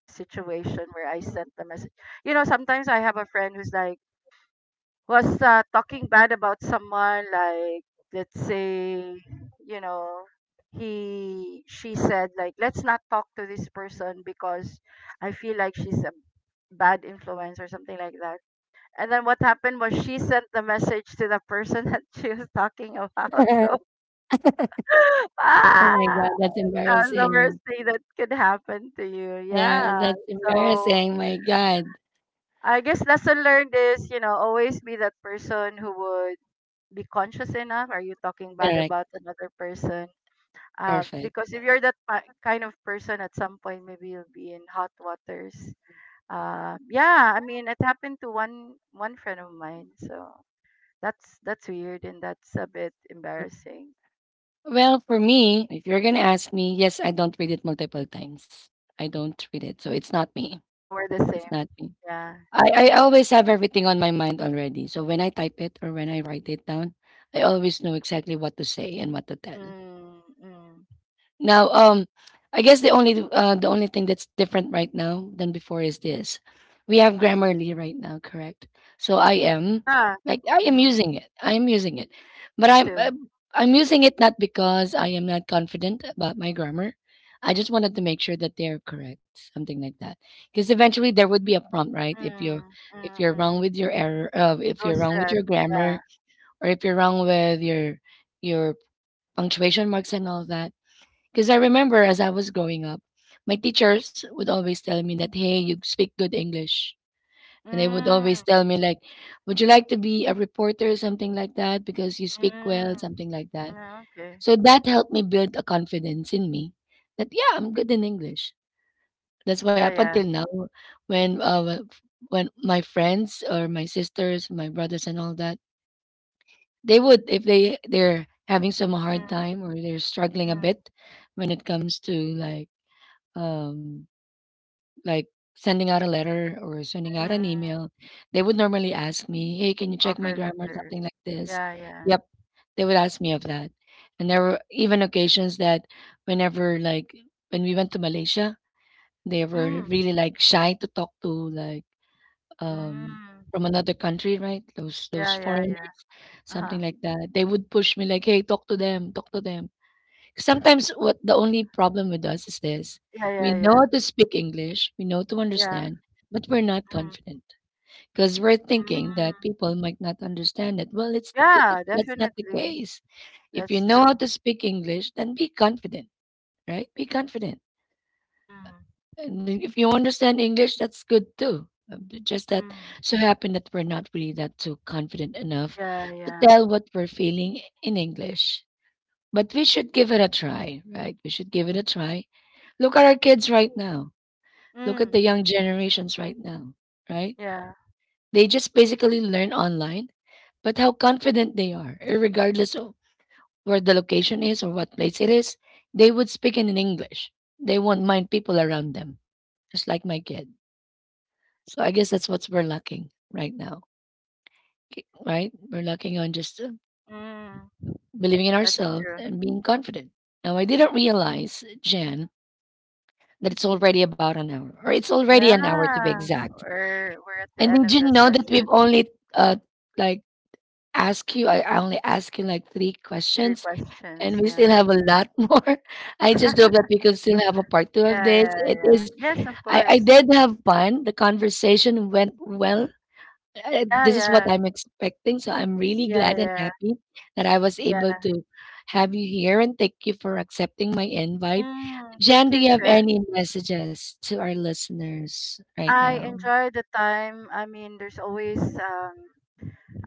Speaker 2: situation where I sent the message. You know, sometimes I have a friend who's like, was uh, talking bad about someone, like, let's say, you know, he she said like let's not talk to this person because I feel like she's a bad influence or something like that. And then what happened was she sent the message to the person that she was talking about. So ah,
Speaker 1: oh my God, that's
Speaker 2: that was the worst
Speaker 1: embarrassing.
Speaker 2: thing that could happen to you,
Speaker 1: Yeah,
Speaker 2: yeah.
Speaker 1: that's
Speaker 2: So
Speaker 1: embarrassing. My God.
Speaker 2: I guess lesson learned is, you know, always be that person who would be conscious enough. Are you talking bad
Speaker 1: Correct.
Speaker 2: about another person? Uh,
Speaker 1: Perfect.
Speaker 2: because if you're that pa- kind of person, at some point maybe you'll be in hot waters. Uh, yeah, I mean it happened to one one friend of mine, so that's that's weird and that's a bit embarrassing.
Speaker 1: Well, for me, if you're going to ask me, yes, I don't read it multiple times. I don't read it. So it's not me.
Speaker 2: So we're the
Speaker 1: It's
Speaker 2: same.
Speaker 1: not me.
Speaker 2: Yeah.
Speaker 1: I I always have everything on my mind already. So when I type it or when I write it down, I always know exactly what to say and what to tell.
Speaker 2: Mm, mm.
Speaker 1: Now, um, I guess the only uh, the only thing that's different right now than before is this: we have Grammarly right now, correct? So I am,
Speaker 2: Yeah.
Speaker 1: like, I am
Speaker 2: Mm,
Speaker 1: using it. I am using it, but
Speaker 2: me
Speaker 1: I'm
Speaker 2: too.
Speaker 1: uh, I'm using it not because I am not confident about my grammar. I just wanted to make sure that they are correct, something like that. Because eventually there would be a prompt, right? If you're
Speaker 2: Mm, mm,
Speaker 1: if you're
Speaker 2: mm.
Speaker 1: wrong with your error, uh, if you're
Speaker 2: Ghost
Speaker 1: wrong with
Speaker 2: red.
Speaker 1: your
Speaker 2: Yeah.
Speaker 1: grammar, or if you're wrong with your your punctuation marks and all that, because I remember as I was growing up, my teachers would always tell me that, hey, you speak good English. And they would always
Speaker 2: Mm,
Speaker 1: tell me, like, would you like to be a reporter or something like that? Because you speak
Speaker 2: mm.
Speaker 1: well, something like that.
Speaker 2: Mm, okay.
Speaker 1: So that helped me build a confidence in me that, yeah, I'm good in English. That's why
Speaker 2: Yeah,
Speaker 1: up
Speaker 2: yeah.
Speaker 1: until now, when uh, w- when my friends or my sisters, my brothers, and all that, they would if they they're having some hard
Speaker 2: Mm-hmm.
Speaker 1: time or they're struggling a
Speaker 2: Mm,
Speaker 1: bit when it comes to like um like sending out a letter or sending out an
Speaker 2: mm.
Speaker 1: email, they would normally ask me, "Hey, can you check my
Speaker 2: Cover
Speaker 1: grammar?"
Speaker 2: letter.
Speaker 1: Something like this.
Speaker 2: Yeah, yeah.
Speaker 1: Yep, they would ask me of that, and there were even occasions that whenever like when we went to Malaysia, they were
Speaker 2: Mm,
Speaker 1: really like shy to talk to like um
Speaker 2: mm.
Speaker 1: from another country, right? Those those
Speaker 2: Yeah, yeah, yeah.
Speaker 1: foreigners, something
Speaker 2: Uh-huh.
Speaker 1: like that. They would push me like, "Hey, talk to them, talk to them." Sometimes what the only problem with us is this,
Speaker 2: Yeah,
Speaker 1: we
Speaker 2: yeah,
Speaker 1: know how
Speaker 2: yeah.
Speaker 1: to speak English, we know to
Speaker 2: Yeah.
Speaker 1: understand, but we're not
Speaker 2: Mm,
Speaker 1: confident because 'cause we're thinking that
Speaker 2: mm.
Speaker 1: people might not understand it. Well, it's it it
Speaker 2: Yeah,
Speaker 1: that's not the
Speaker 2: definitely.
Speaker 1: case. If you
Speaker 2: That's
Speaker 1: know how
Speaker 2: true.
Speaker 1: to speak English, then be confident, right? Be confident.
Speaker 2: Mm,
Speaker 1: And then if you understand English, that's good too. Um, it just that
Speaker 2: mm.
Speaker 1: so happened that we're not really that too confident enough
Speaker 2: Yeah,
Speaker 1: to
Speaker 2: yeah.
Speaker 1: tell what we're feeling in English. But we should give it a try, right? We should give it a try. Look at our kids right now. Look at the
Speaker 2: Mm,
Speaker 1: young generations right now, right?
Speaker 2: yeah.
Speaker 1: They just basically learn online, but how confident they are, regardless of where the location is or what place it is, they would speak in English. They won't mind people around them, just like my kid. So I guess that's what we're lacking right now, k- right? We're lacking on just uh,
Speaker 2: Mm.
Speaker 1: believing in
Speaker 2: That's
Speaker 1: ourselves
Speaker 2: true.
Speaker 1: and being confident. Now, I didn't realize, Jan, that it's already about an hour, or it's already an hour to be
Speaker 2: Yeah.
Speaker 1: exact.
Speaker 2: We're we're at the
Speaker 1: And
Speaker 2: end
Speaker 1: did
Speaker 2: of
Speaker 1: you
Speaker 2: the
Speaker 1: know that
Speaker 2: session.
Speaker 1: we've only uh like asked you? I I only asked you like three
Speaker 2: Three
Speaker 1: questions, and
Speaker 2: questions,
Speaker 1: we still
Speaker 2: yeah.
Speaker 1: have a lot more. I just hope that we could still have a part two of this.
Speaker 2: Yeah, yeah,
Speaker 1: It
Speaker 2: yeah.
Speaker 1: is.
Speaker 2: Yes, of
Speaker 1: I I
Speaker 2: course.
Speaker 1: did have fun. The conversation went well. Uh,
Speaker 2: Yeah,
Speaker 1: this is what
Speaker 2: yeah.
Speaker 1: I'm expecting, so I'm really
Speaker 2: Yeah,
Speaker 1: glad and
Speaker 2: yeah.
Speaker 1: happy that I was able
Speaker 2: Yeah.
Speaker 1: to have you here, and thank you for accepting my invite.
Speaker 2: Mm,
Speaker 1: Jan,
Speaker 2: thank
Speaker 1: do
Speaker 2: you,
Speaker 1: you have
Speaker 2: Chair.
Speaker 1: any messages to our listeners right
Speaker 2: I
Speaker 1: now?
Speaker 2: enjoy the time. I mean, there's always um,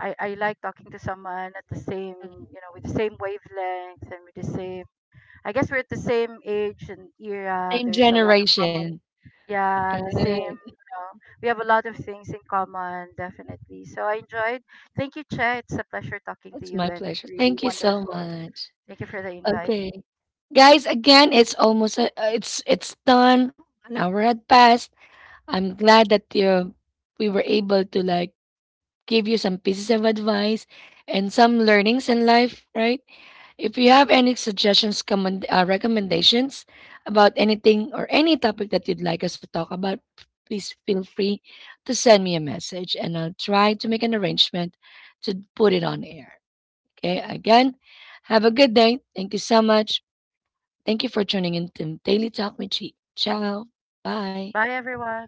Speaker 2: I I like talking to someone at the same, you know, with the same wavelength and with the same. I guess we're at the same age and era.
Speaker 1: Same
Speaker 2: There's a lot of
Speaker 1: generation.
Speaker 2: common, yeah, the same.
Speaker 1: Right.
Speaker 2: You know, we have a lot of things in common, definitely. So I enjoyed. Thank you, Chair. It's a pleasure talking to
Speaker 1: It's
Speaker 2: you
Speaker 1: my
Speaker 2: and
Speaker 1: pleasure.
Speaker 2: really
Speaker 1: Thank you so
Speaker 2: wonderful.
Speaker 1: much.
Speaker 2: Thank you for the invite.
Speaker 1: Okay. Guys, again, it's almost a, uh, it's it's done. An hour had passed. I'm glad that you we were able to like give you some pieces of advice and some learnings in life, right? If you have any suggestions, comment, uh, recommendations about anything or any topic that you'd like us to talk about, please feel free to send me a message and I'll try to make an arrangement to put it on air. Okay, again, have a good day. Thank you so much. Thank you for tuning in to Daily Talk with Chi. Ciao. Bye.
Speaker 2: Bye, everyone.